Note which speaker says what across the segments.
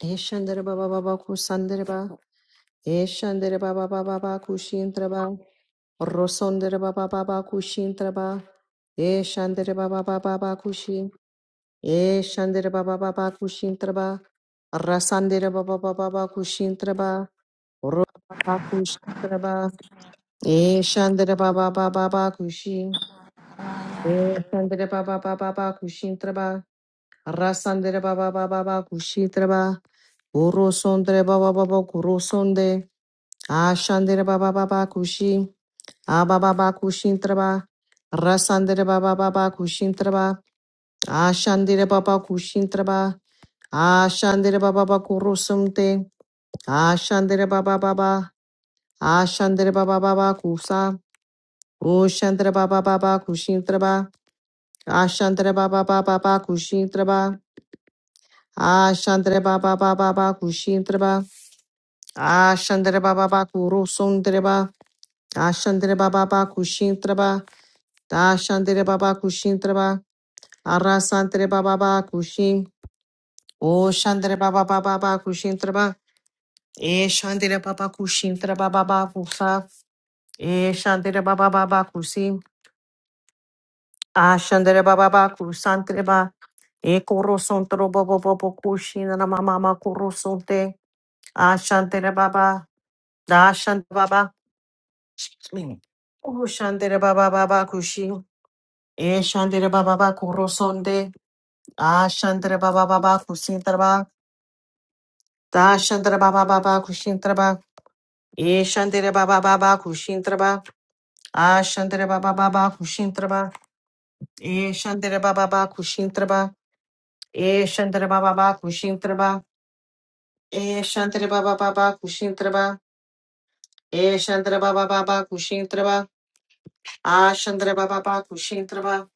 Speaker 1: Eshandere baba baba kusandere ba. Eshandere baba baba baba kushintra ba. Rosondere baba baba kushintra ba. Eshandere baba baba baba kushi. Eshandere baba baba kushintra ba. Rasandere baba baba baba kushintra ba. Ro baba kushintra ba. Eshandere baba baba baba kushi. Eshandere baba baba baba kushintra ba. Rasandere baba baba baba kushintra ba. Urosondere baba baba kurosonde. Ashandere baba baba kushi. Ababa kushintraba. Rasandere baba baba kushintraba. Ashandere baba kushintraba. Ashandere baba baba kurusumte. Ashandere baba baba. Ashandere baba baba kusa. Ushandere baba baba kushintraba. Ashandere baba baba baba kushintraba. Ashandere baba baba baba kushintraba. Ashandere baba baba kurusumtreba. Ashandere baba baba kushintraba. Da shandere baba kushin treba. Ara santere baba baba kushin. O shandere baba baba baba kushin treba. E shandere baba kushin treba baba kusa. E shandere baba baba kusin. A shandere baba baba kusan treba. E koro son trobo bobo bobo kushin na mama mama koro son te. A shandere baba. Da shandere baba. Excuse me. O shandere baba baba kushin. E shandere baba baba koro son de. Ah, Shandra Baba Baba Kusintra Dashandra Baba Baba Kushintraba. Eshandere Baba Baba Kushintraba. Ashandere Baba Baba Kushintraba. Eshandere Baba Baba Kushintraba. Eshandere Baba Baba Kushintraba. Eshandere Baba Baba Kushintraba. Eshandere Baba Baba Kushintraba. Ashandere Baba Baba Kushintraba.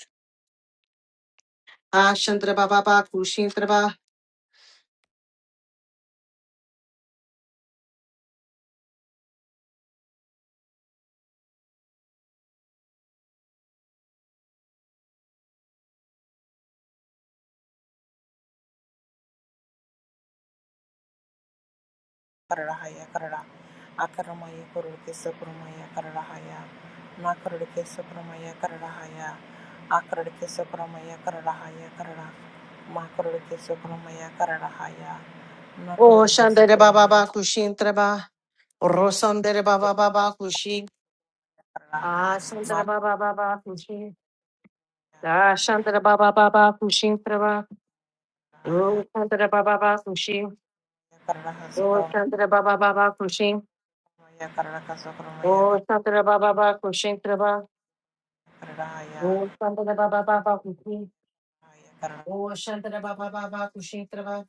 Speaker 1: Ashandere Baba Baba Kushintraba.
Speaker 2: kararahaya karara akaramaya kororke sokramaya kararahaya nakororke sokramaya kararahaya akarorke sokramaya kararahaya karara makororke sokramaya kararahaya
Speaker 1: O
Speaker 2: nakororke
Speaker 1: Shandere Baba
Speaker 2: sokramaya
Speaker 1: Baba Kushintraba. Rosandere Baba Baba Kushin.
Speaker 2: karara
Speaker 1: Ashandere Baba Baba Kushin. Da Shantara Baba Baba Kushin Traba.
Speaker 2: mahaya
Speaker 1: Oh Shantara Baba Baba Kushin.
Speaker 2: kararaha
Speaker 1: Oh
Speaker 2: sokramaya
Speaker 1: Shantara Baba Baba Kushin.
Speaker 2: kararaka sokramaya
Speaker 1: Oh Shantara Baba Baba Kushin Traba.
Speaker 2: kararahaya
Speaker 1: Oh Shantara Baba Baba Kushin.
Speaker 2: haya karara
Speaker 1: Oh Shantara Baba Baba Kushin Traba.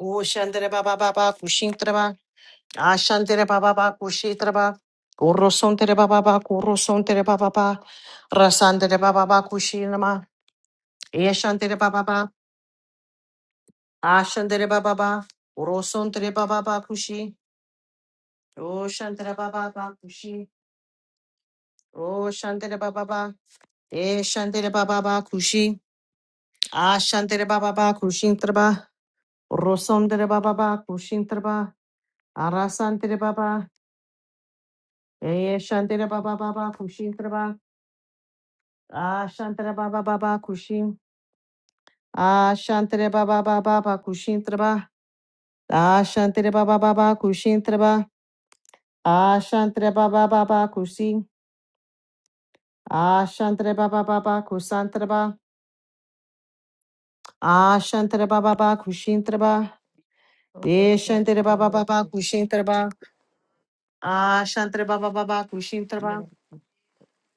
Speaker 1: Oh Shantara Baba Baba Kushin Traba. Ah Shantara Baba Baba Kushin Traba. Kurosontere Baba Baba Kurosontere Baba Baba. Rasantere Baba Baba Kushinama. Eh Shantara Baba Baba. Ah Shantara Baba Baba. Kurosontere Baba Baba Kushin. O Shantara Baba Bakushi. O Shantara Baba Ba. E Shantara Baba Bakushi. Ah Shantara Baba Bakushin Traba. Rosondra Baba Bakushin Traba. Arasantara Baba. E Shantara Baba Baba Kushin Traba. Ah Shantara Baba Baba Kushin. Ah Shantara Baba Baba Kushin Traba. Ah Shantara Baba Baba Kushin Traba. Ah Shantara Baba Baba Kushi. Ah Shantara Baba Baba Kusantraba. Ashantara baba ba kushintara ba.
Speaker 3: Toro,
Speaker 1: Deshantara baba baba kushintara ba. Ashantara baba baba kushintara ba.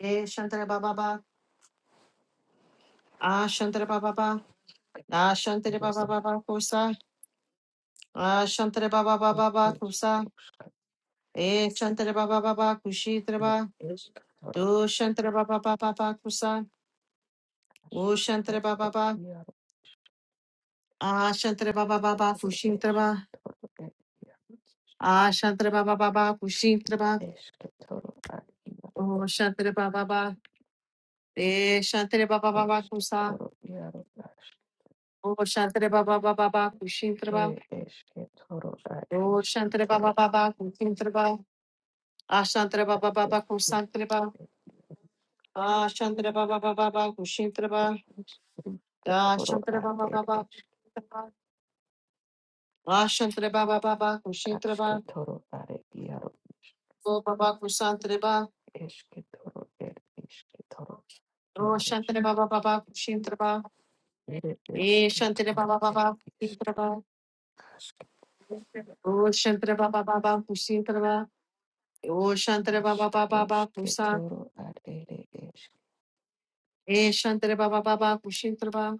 Speaker 1: Deshantara baba ba. Ashantara baba ba. Ashantara baba baba kusa. Ashantara baba baba ba kusa. Eshantara baba baba kushintara ba. Doshantara baba baba ba kusa. Oshantara baba ba. Ashantara baba baba kushintara ba. Ashantara baba baba kushintara ba. Oshantara baba ba. De Shantre Baba Baba Kusa. O Shantre Baba Baba Baba Kushintraba. O Shantre Baba Baba Kusintraba. A Shantre Baba Baba Kusantraba. A Shantre Baba Baba Baba Kushintraba. Da Shantre Baba Baba Kusintraba. A Shantre Baba Baba Kushintraba.
Speaker 3: ar ir iaro,
Speaker 1: O Baba Kusantraba. O Shantre Baba Baba Kushintraba.
Speaker 3: Ere
Speaker 1: E Shantre
Speaker 3: esketoro
Speaker 1: Baba
Speaker 3: ed
Speaker 1: Baba
Speaker 3: isk
Speaker 1: Kusintraba.
Speaker 3: ask
Speaker 1: O Shantre Baba Baba Kusintraba. O Shantre Baba Baba
Speaker 3: iskaruske
Speaker 1: Kusa.
Speaker 3: toro ad ere esk
Speaker 1: Eh, Shantare Baba Baba, Kushintra Ba,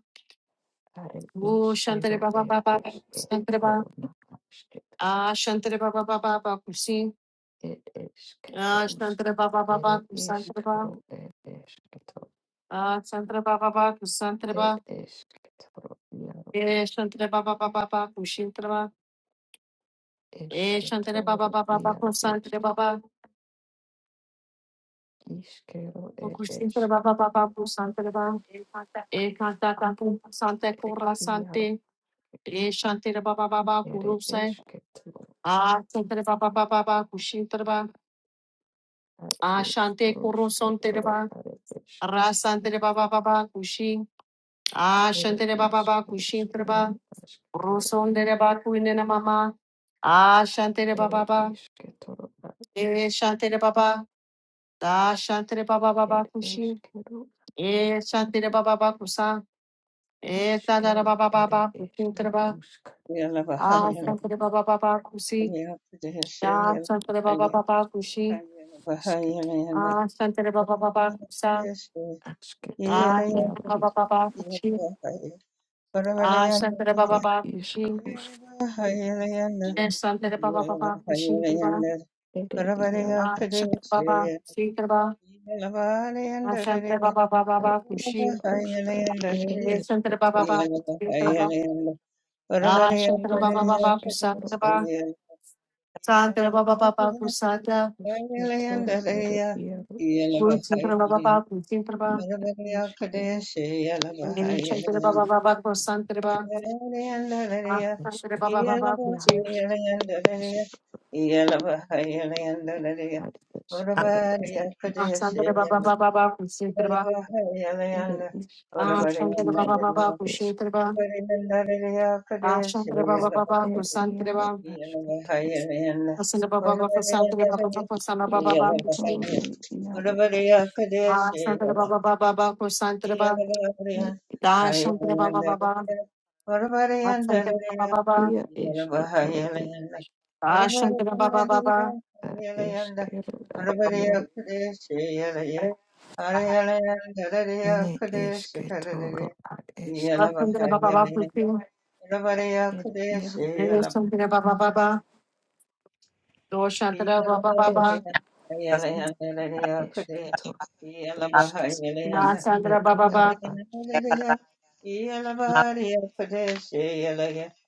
Speaker 3: are
Speaker 1: Oh, Shantare
Speaker 3: iskero
Speaker 1: Baba
Speaker 3: ed
Speaker 1: Baba,
Speaker 3: eske
Speaker 1: Kusantra Ba,
Speaker 3: na asketo
Speaker 1: Ah, Shantare Baba Baba, Bakushi,
Speaker 3: ed esk
Speaker 1: Ah,
Speaker 3: rusk
Speaker 1: Shantare Baba
Speaker 3: ere
Speaker 1: Baba, Kusantra Ba,
Speaker 3: iskaro ed esketo
Speaker 1: Ah, Shantare Baba Baba, Kusantra Ba,
Speaker 3: ed esketoro iaro
Speaker 1: Eh,
Speaker 3: isk
Speaker 1: Shantare Baba Baba, Kushintra Ba, Eh, Shantare Baba
Speaker 3: esketoro
Speaker 1: Baba,
Speaker 3: iaro
Speaker 1: Kusantra
Speaker 3: isk
Speaker 1: Baba,
Speaker 3: iskero ed
Speaker 1: Kushintra
Speaker 3: esk
Speaker 1: Baba Baba, Kusantra baba. Eh, Kanta Kantu, Sante Kura
Speaker 3: iaro
Speaker 1: Sante, Eh, Shantare Baba Baba,
Speaker 3: ere
Speaker 1: Kurusai,
Speaker 3: esketo
Speaker 1: Ah, Shantare Baba Baba, Kushintra Ba,
Speaker 3: ar
Speaker 1: Ashante
Speaker 3: išrūškė
Speaker 1: kurusonte
Speaker 3: toro
Speaker 1: deba,
Speaker 3: ar ešk.
Speaker 1: rasante deba ba ba ba kushi,
Speaker 3: Ere
Speaker 1: ashante
Speaker 3: ir
Speaker 1: deba ba ba kushi
Speaker 3: išrūškė
Speaker 1: treba,
Speaker 3: aš toro
Speaker 1: rusonte deba kuine na mama, ashante deba
Speaker 3: Ere
Speaker 1: ba ba,
Speaker 3: iškė toro ar iš
Speaker 1: e shante deba ba, da shante deba ba ba ba
Speaker 3: ir
Speaker 1: kushi,
Speaker 3: iškėrų
Speaker 1: e shante deba ba ba kusa, e ta da
Speaker 3: iškėrų
Speaker 1: deba ba ba
Speaker 3: ir
Speaker 1: ba kushi
Speaker 3: iškė
Speaker 1: treba,
Speaker 3: rūškė
Speaker 4: Yala
Speaker 3: iškė
Speaker 4: bahaya la
Speaker 3: toro
Speaker 1: ashante deba ba ba ba kushi,
Speaker 4: yala pradeshe
Speaker 1: da
Speaker 4: yala
Speaker 1: shante deba ba
Speaker 4: bahaya
Speaker 1: ba
Speaker 3: Ere
Speaker 1: ba kushi,
Speaker 4: yala
Speaker 3: iškė
Speaker 4: bahaya la yala
Speaker 1: ashante deba ba ba ba kusa,
Speaker 4: pradeshe
Speaker 3: aš toro
Speaker 4: yala
Speaker 1: ashante
Speaker 4: yala
Speaker 3: jaru
Speaker 1: deba ba ba ba
Speaker 4: yala
Speaker 1: kushi.
Speaker 4: bahaya parvale
Speaker 1: Ah,
Speaker 4: yala
Speaker 1: Shantara Baba
Speaker 3: Ere
Speaker 1: Baba
Speaker 3: ir
Speaker 1: Kushi.
Speaker 4: yala
Speaker 3: išrūškė
Speaker 4: bahaya la yala
Speaker 1: Shantara Baba
Speaker 4: yala
Speaker 1: Baba
Speaker 4: bahaya
Speaker 1: Kushi
Speaker 4: la
Speaker 1: Kriba.
Speaker 4: yala
Speaker 3: ir
Speaker 4: parvale
Speaker 3: jau
Speaker 4: yala
Speaker 1: Ah,
Speaker 3: aš
Speaker 1: Shantara
Speaker 4: pradeshe
Speaker 3: toro
Speaker 1: Baba Kushi Kriba.
Speaker 4: yala bahaya
Speaker 1: Ah,
Speaker 4: yala
Speaker 1: Shantara
Speaker 4: yala
Speaker 1: Baba Baba
Speaker 3: ar
Speaker 1: Baba Kushi.
Speaker 4: bahaya la
Speaker 3: išrūškė
Speaker 4: yala
Speaker 3: ir
Speaker 1: Shantara
Speaker 3: iškė
Speaker 1: Baba
Speaker 3: toro
Speaker 1: Baba
Speaker 4: yala
Speaker 1: Kushi
Speaker 4: bahaya
Speaker 1: Kriba.
Speaker 4: la yala
Speaker 2: akarorke
Speaker 1: Ah, Shantara
Speaker 3: Ere
Speaker 4: yala
Speaker 1: Baba
Speaker 4: yala
Speaker 1: Baba
Speaker 3: iškė toro
Speaker 1: Shantara
Speaker 3: ar
Speaker 1: Baba.
Speaker 4: pradeshe
Speaker 1: Shantara Baba Baba
Speaker 4: yala
Speaker 1: Kusata.
Speaker 4: Yeah.
Speaker 3: iškė toro ir jau
Speaker 1: Guru Shantara Baba Baba Kushi Kriba.
Speaker 3: Išgėriau,
Speaker 1: Shantara Baba Baba Kusantara Baba. Ah, Shantara Baba
Speaker 3: išgėriau,
Speaker 1: Baba Kushi.
Speaker 3: jaros, ar išgėriau, ir iš,
Speaker 1: Ah, Shantara Baba Baba Baba Kushi Kriba.
Speaker 3: ir iš,
Speaker 1: Ah,
Speaker 3: už
Speaker 1: Shantara
Speaker 3: kitur,
Speaker 1: Baba
Speaker 3: ar
Speaker 1: Baba
Speaker 3: iš,
Speaker 1: Kushi Kriba. Ah, Shantara Baba Baba
Speaker 3: ir
Speaker 1: Kusantara
Speaker 3: jaro,
Speaker 1: Baba.
Speaker 4: Yeah.
Speaker 3: aš kitur,
Speaker 1: Santa Baba Baba Santa Baba Baba Santa
Speaker 3: iš
Speaker 1: Baba Baba
Speaker 3: kitur, ir jaro, aš,
Speaker 1: Ah Santa Baba Baba Baba Santa Baba
Speaker 3: ir iš,
Speaker 1: Da Santa Baba Baba Ah Santa Baba Baba
Speaker 3: jie iš kitur, ir
Speaker 1: Da Santa Baba Baba
Speaker 3: ar išgėriau, ar
Speaker 2: sokramaya
Speaker 3: jaro, ne iš kitur, ar iš,
Speaker 1: Ah Santa Baba Baba Pushing
Speaker 2: kararahaya
Speaker 3: ir jaro,
Speaker 1: Nene Santa Baba Baba Do Santa
Speaker 4: Yeah.
Speaker 1: Baba
Speaker 3: iš,
Speaker 1: Baba
Speaker 2: kararaka sokramaya
Speaker 3: iš kitur,
Speaker 2: kararahaya Akar
Speaker 3: iš, iš,
Speaker 1: Ah Santa
Speaker 3: ir
Speaker 1: Baba Baba
Speaker 3: jaro,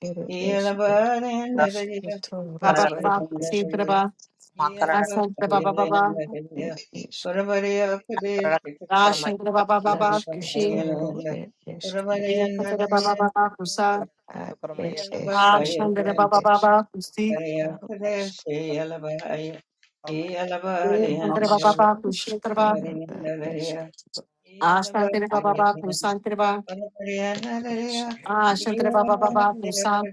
Speaker 3: ere eske, uske toro
Speaker 1: Baba
Speaker 3: ere
Speaker 1: Baba Pushing
Speaker 3: eske,
Speaker 1: Baba Ah Santa Baba Baba
Speaker 3: ed isk,
Speaker 1: Da Santa Baba Baba
Speaker 3: aske
Speaker 1: Pushing
Speaker 3: toro ed eske,
Speaker 1: Nene Santa Baba Baba Pusa
Speaker 3: ad ed
Speaker 1: Ah
Speaker 3: eskero
Speaker 1: Santa
Speaker 3: ed
Speaker 1: Baba
Speaker 3: eske,
Speaker 1: Baba Pusi
Speaker 3: toro
Speaker 4: Yeah.
Speaker 3: jaro isk,
Speaker 1: Nene
Speaker 3: ed
Speaker 1: Santa Baba
Speaker 3: isk,
Speaker 1: Baba Pushing
Speaker 3: uskana ad eske,
Speaker 1: Ashantare Baba Baba Kusantre Ba
Speaker 3: ed eske,
Speaker 1: Ashantare Baba Baba Kusan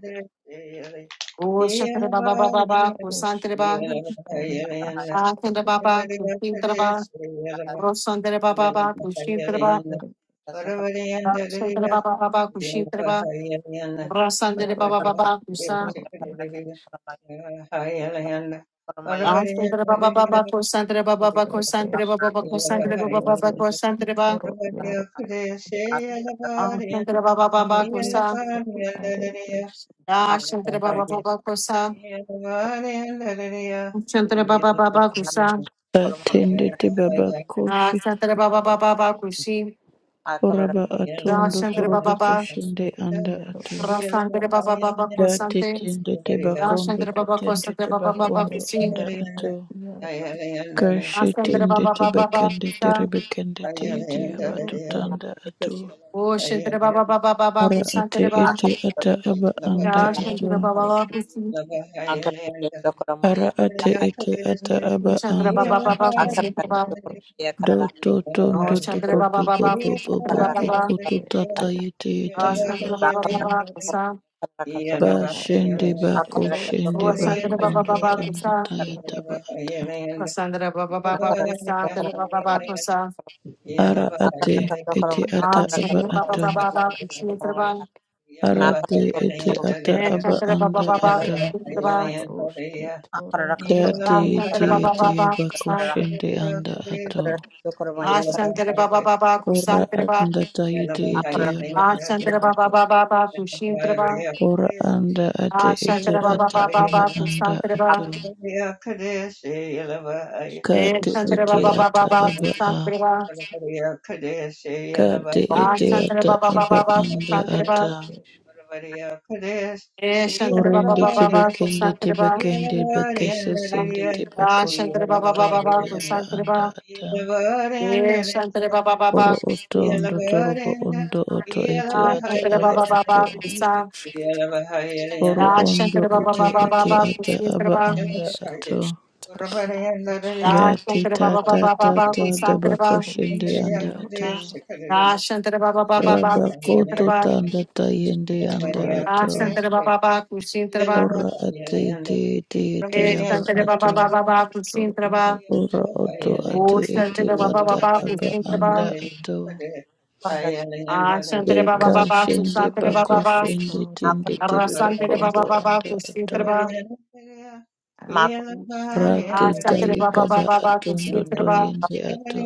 Speaker 1: O Shantare Baba Baba
Speaker 3: ja
Speaker 1: Baba
Speaker 3: isk,
Speaker 1: Kusantre Ba
Speaker 3: uskana eske
Speaker 1: Ashantare
Speaker 3: toro
Speaker 1: Baba Kusintre Ba Rosandre Baba Baba
Speaker 3: isk,
Speaker 1: Kusintre Ba
Speaker 3: ere
Speaker 1: Ashantare Baba Baba Kusintre Ba
Speaker 4: Yeah.
Speaker 3: ere
Speaker 1: Rosandre
Speaker 3: jaro
Speaker 1: Baba Baba
Speaker 3: aske
Speaker 1: Kusan
Speaker 3: toro ed eske,
Speaker 1: Ashantare
Speaker 3: ed
Speaker 1: Baba Baba
Speaker 3: eske.
Speaker 1: Kusantre Baba Baba
Speaker 3: Ed
Speaker 2: Akara
Speaker 1: Kusantre Baba Baba
Speaker 3: esketoro,
Speaker 1: Kusantre Baba
Speaker 3: ed
Speaker 1: Baba Kusantre Ba
Speaker 3: esketoro,
Speaker 1: Ashantare Baba
Speaker 3: Ere
Speaker 1: Baba Kusan
Speaker 3: iskero, are isk,
Speaker 1: Ashantare Baba Baba Kusan Ashantare Baba Baba Kusan
Speaker 5: Satende te baba koshi
Speaker 1: Ashantare Baba Baba Kusin
Speaker 5: oraba atondo
Speaker 1: Dashandra
Speaker 5: torobo
Speaker 1: Baba Baba,
Speaker 5: koshende
Speaker 3: ere
Speaker 5: anda
Speaker 3: iaro
Speaker 5: ato.
Speaker 3: eskero,
Speaker 1: Rasandra Baba Baba
Speaker 5: Da te
Speaker 1: Kursante,
Speaker 5: tende te bakondo
Speaker 1: Dashandra
Speaker 5: te
Speaker 1: Baba
Speaker 5: tende
Speaker 1: Kursandra
Speaker 5: te
Speaker 1: Baba
Speaker 3: er
Speaker 1: Baba
Speaker 4: Yeah,
Speaker 5: bakondo
Speaker 1: Kusi,
Speaker 5: anda
Speaker 3: eskero, er
Speaker 5: ato.
Speaker 3: iaro
Speaker 5: Kashi
Speaker 1: Asandra
Speaker 5: tende
Speaker 1: Baba
Speaker 5: te
Speaker 1: Baba Baba
Speaker 5: bakende te
Speaker 1: Kusa,
Speaker 5: rebekende te ete aba
Speaker 3: iskero, ere
Speaker 5: tutanda ato.
Speaker 1: Oshandra Baba Baba Baba
Speaker 5: Ara ate
Speaker 1: Kusantra Baba,
Speaker 5: ete
Speaker 3: er
Speaker 5: ata aba
Speaker 3: eskero,
Speaker 5: anda ato.
Speaker 3: skaro,
Speaker 1: Dashandra Baba
Speaker 3: er
Speaker 1: Baba Kusi,
Speaker 5: Ara ate ete ata
Speaker 3: ere
Speaker 5: aba
Speaker 1: Chandra
Speaker 5: anda
Speaker 1: Baba Baba
Speaker 5: ato.
Speaker 3: iskrusketoro,
Speaker 1: Kusantra
Speaker 3: ere
Speaker 1: Baba,
Speaker 3: isk,
Speaker 5: Do to tondo to
Speaker 1: Oshandra
Speaker 5: bobo
Speaker 1: Baba Baba
Speaker 5: bobo
Speaker 1: Kusantra
Speaker 5: bobo
Speaker 3: ar
Speaker 1: Baba
Speaker 5: koko
Speaker 1: Baba,
Speaker 3: er
Speaker 5: tata
Speaker 3: eskero,
Speaker 5: yete yete
Speaker 3: isk,
Speaker 5: aba
Speaker 1: Asandra Baba
Speaker 5: ato.
Speaker 1: Baba Kusa,
Speaker 3: ar
Speaker 5: Bashende bako
Speaker 3: eskero,
Speaker 5: shende
Speaker 3: ere
Speaker 1: Osandra Baba
Speaker 5: bakondo
Speaker 1: Baba
Speaker 3: iskero,
Speaker 5: tanda
Speaker 3: ar
Speaker 1: Kusa,
Speaker 5: tayeta
Speaker 3: iaro
Speaker 5: ba ata.
Speaker 1: Rasandra Baba Baba
Speaker 2: Makur,
Speaker 1: Kusantra Baba Baba Kusa,
Speaker 5: Ara ate ete ata
Speaker 4: Yeah,
Speaker 5: aba
Speaker 1: Asandra Baba
Speaker 5: ato.
Speaker 1: Baba
Speaker 3: isketoro,
Speaker 1: Baba
Speaker 3: ar ere
Speaker 1: Kusantra Baba,
Speaker 3: isk,
Speaker 5: Ara te ete ata aba
Speaker 1: Shantere Baba
Speaker 5: anda
Speaker 1: Baba
Speaker 5: ato.
Speaker 3: er
Speaker 1: Kusantere
Speaker 3: iskrusketoro, na
Speaker 5: Date
Speaker 3: are
Speaker 1: Shantere
Speaker 5: ete
Speaker 1: Baba
Speaker 5: ete
Speaker 1: Baba
Speaker 5: aba shende anda ato.
Speaker 1: Ashantere
Speaker 3: isk,
Speaker 1: Baba Baba
Speaker 5: Ora
Speaker 1: Kusantere Baba,
Speaker 5: anda tayete ete aba ato.
Speaker 1: Ashantere Baba
Speaker 3: ir
Speaker 1: Baba Kushintere Baba,
Speaker 3: iškarūškit,
Speaker 5: Ora
Speaker 3: ir
Speaker 5: anda ate ete
Speaker 1: Ashantere Baba
Speaker 5: ata aba
Speaker 1: Baba
Speaker 5: anda
Speaker 1: Kusantere
Speaker 5: ato.
Speaker 1: Baba,
Speaker 3: iškėliau,
Speaker 5: Kate
Speaker 3: ir
Speaker 1: Shantere
Speaker 5: ete
Speaker 1: Baba
Speaker 3: iš,
Speaker 5: ata
Speaker 1: Baba
Speaker 5: aba a.
Speaker 1: Kusantere Baba,
Speaker 3: ir
Speaker 5: Kate ete
Speaker 1: Ashantere
Speaker 5: ata
Speaker 1: Baba
Speaker 3: įarūškit,
Speaker 5: aba
Speaker 1: Baba
Speaker 5: anda
Speaker 1: Kusantere
Speaker 3: įarū
Speaker 1: Baba,
Speaker 5: ata.
Speaker 3: iš,
Speaker 1: Shantere Baba
Speaker 5: Urinde
Speaker 1: Baba
Speaker 5: tibekende
Speaker 1: Kusantere Baba,
Speaker 5: tibekende bekesesende
Speaker 1: Ashantere
Speaker 5: tibakotundu
Speaker 1: Baba
Speaker 5: taiti
Speaker 1: Baba
Speaker 5: yaba
Speaker 1: Kusantere
Speaker 5: anda
Speaker 1: Baba,
Speaker 5: ata.
Speaker 1: Shantere Baba
Speaker 5: Oro
Speaker 1: Baba
Speaker 5: oto
Speaker 1: Kusantere
Speaker 4: Yeah.
Speaker 5: ondo torobo ondo oto ete ata
Speaker 1: Ashantere
Speaker 5: aba
Speaker 1: Baba
Speaker 5: ato.
Speaker 1: Baba
Speaker 3: ir
Speaker 1: Kusantere
Speaker 3: įarūškit,
Speaker 5: Oro ondo
Speaker 1: Dashantra Baba
Speaker 5: ete
Speaker 1: Baba
Speaker 5: ete
Speaker 1: Baba
Speaker 5: ata aba
Speaker 1: Kusantraba,
Speaker 5: anda ato.
Speaker 3: iškarūškit, ir iš,
Speaker 5: Gati
Speaker 1: Dashantra Baba
Speaker 3: ir
Speaker 5: tata
Speaker 1: Baba Baba
Speaker 5: tata
Speaker 1: Kusantraba,
Speaker 5: dabakoshende anda
Speaker 3: iškėliau,
Speaker 5: ato.
Speaker 1: Dashantra Baba Baba Baba
Speaker 5: Rabakoto
Speaker 1: Kusantraba,
Speaker 5: tanda
Speaker 3: ir iš,
Speaker 5: tayende
Speaker 3: kitoro,
Speaker 5: anda ato.
Speaker 1: Dashantra Baba Baba Kusantraba,
Speaker 5: Ora ate ete ete ete yaba
Speaker 1: Dashantra Baba Baba
Speaker 5: ato.
Speaker 1: Baba
Speaker 3: ir
Speaker 1: Kusantraba,
Speaker 3: iš,
Speaker 5: Oro oto
Speaker 3: kitoro,
Speaker 5: ate
Speaker 3: ar
Speaker 5: ete
Speaker 1: Oshantra
Speaker 4: Yeah.
Speaker 1: Baba
Speaker 5: ata
Speaker 1: Baba
Speaker 5: aba anda
Speaker 1: Kusantraba,
Speaker 5: ato.
Speaker 3: ir
Speaker 1: Ashantra Baba
Speaker 5: Deka
Speaker 3: iš,
Speaker 1: Baba
Speaker 5: shende
Speaker 3: kitoro,
Speaker 1: Kusantra
Speaker 3: iš,
Speaker 5: bako
Speaker 1: Baba,
Speaker 5: shende
Speaker 3: kitoro,
Speaker 5: tende tere
Speaker 1: Rasantra
Speaker 5: bakondo
Speaker 1: Baba Baba
Speaker 5: anda ato.
Speaker 1: Kusantraba,
Speaker 5: Rate
Speaker 1: Ashantra
Speaker 5: taye
Speaker 1: Baba
Speaker 5: kaba
Speaker 1: Baba Baba
Speaker 5: atondo
Speaker 1: Kusantraba,
Speaker 5: toyende ato.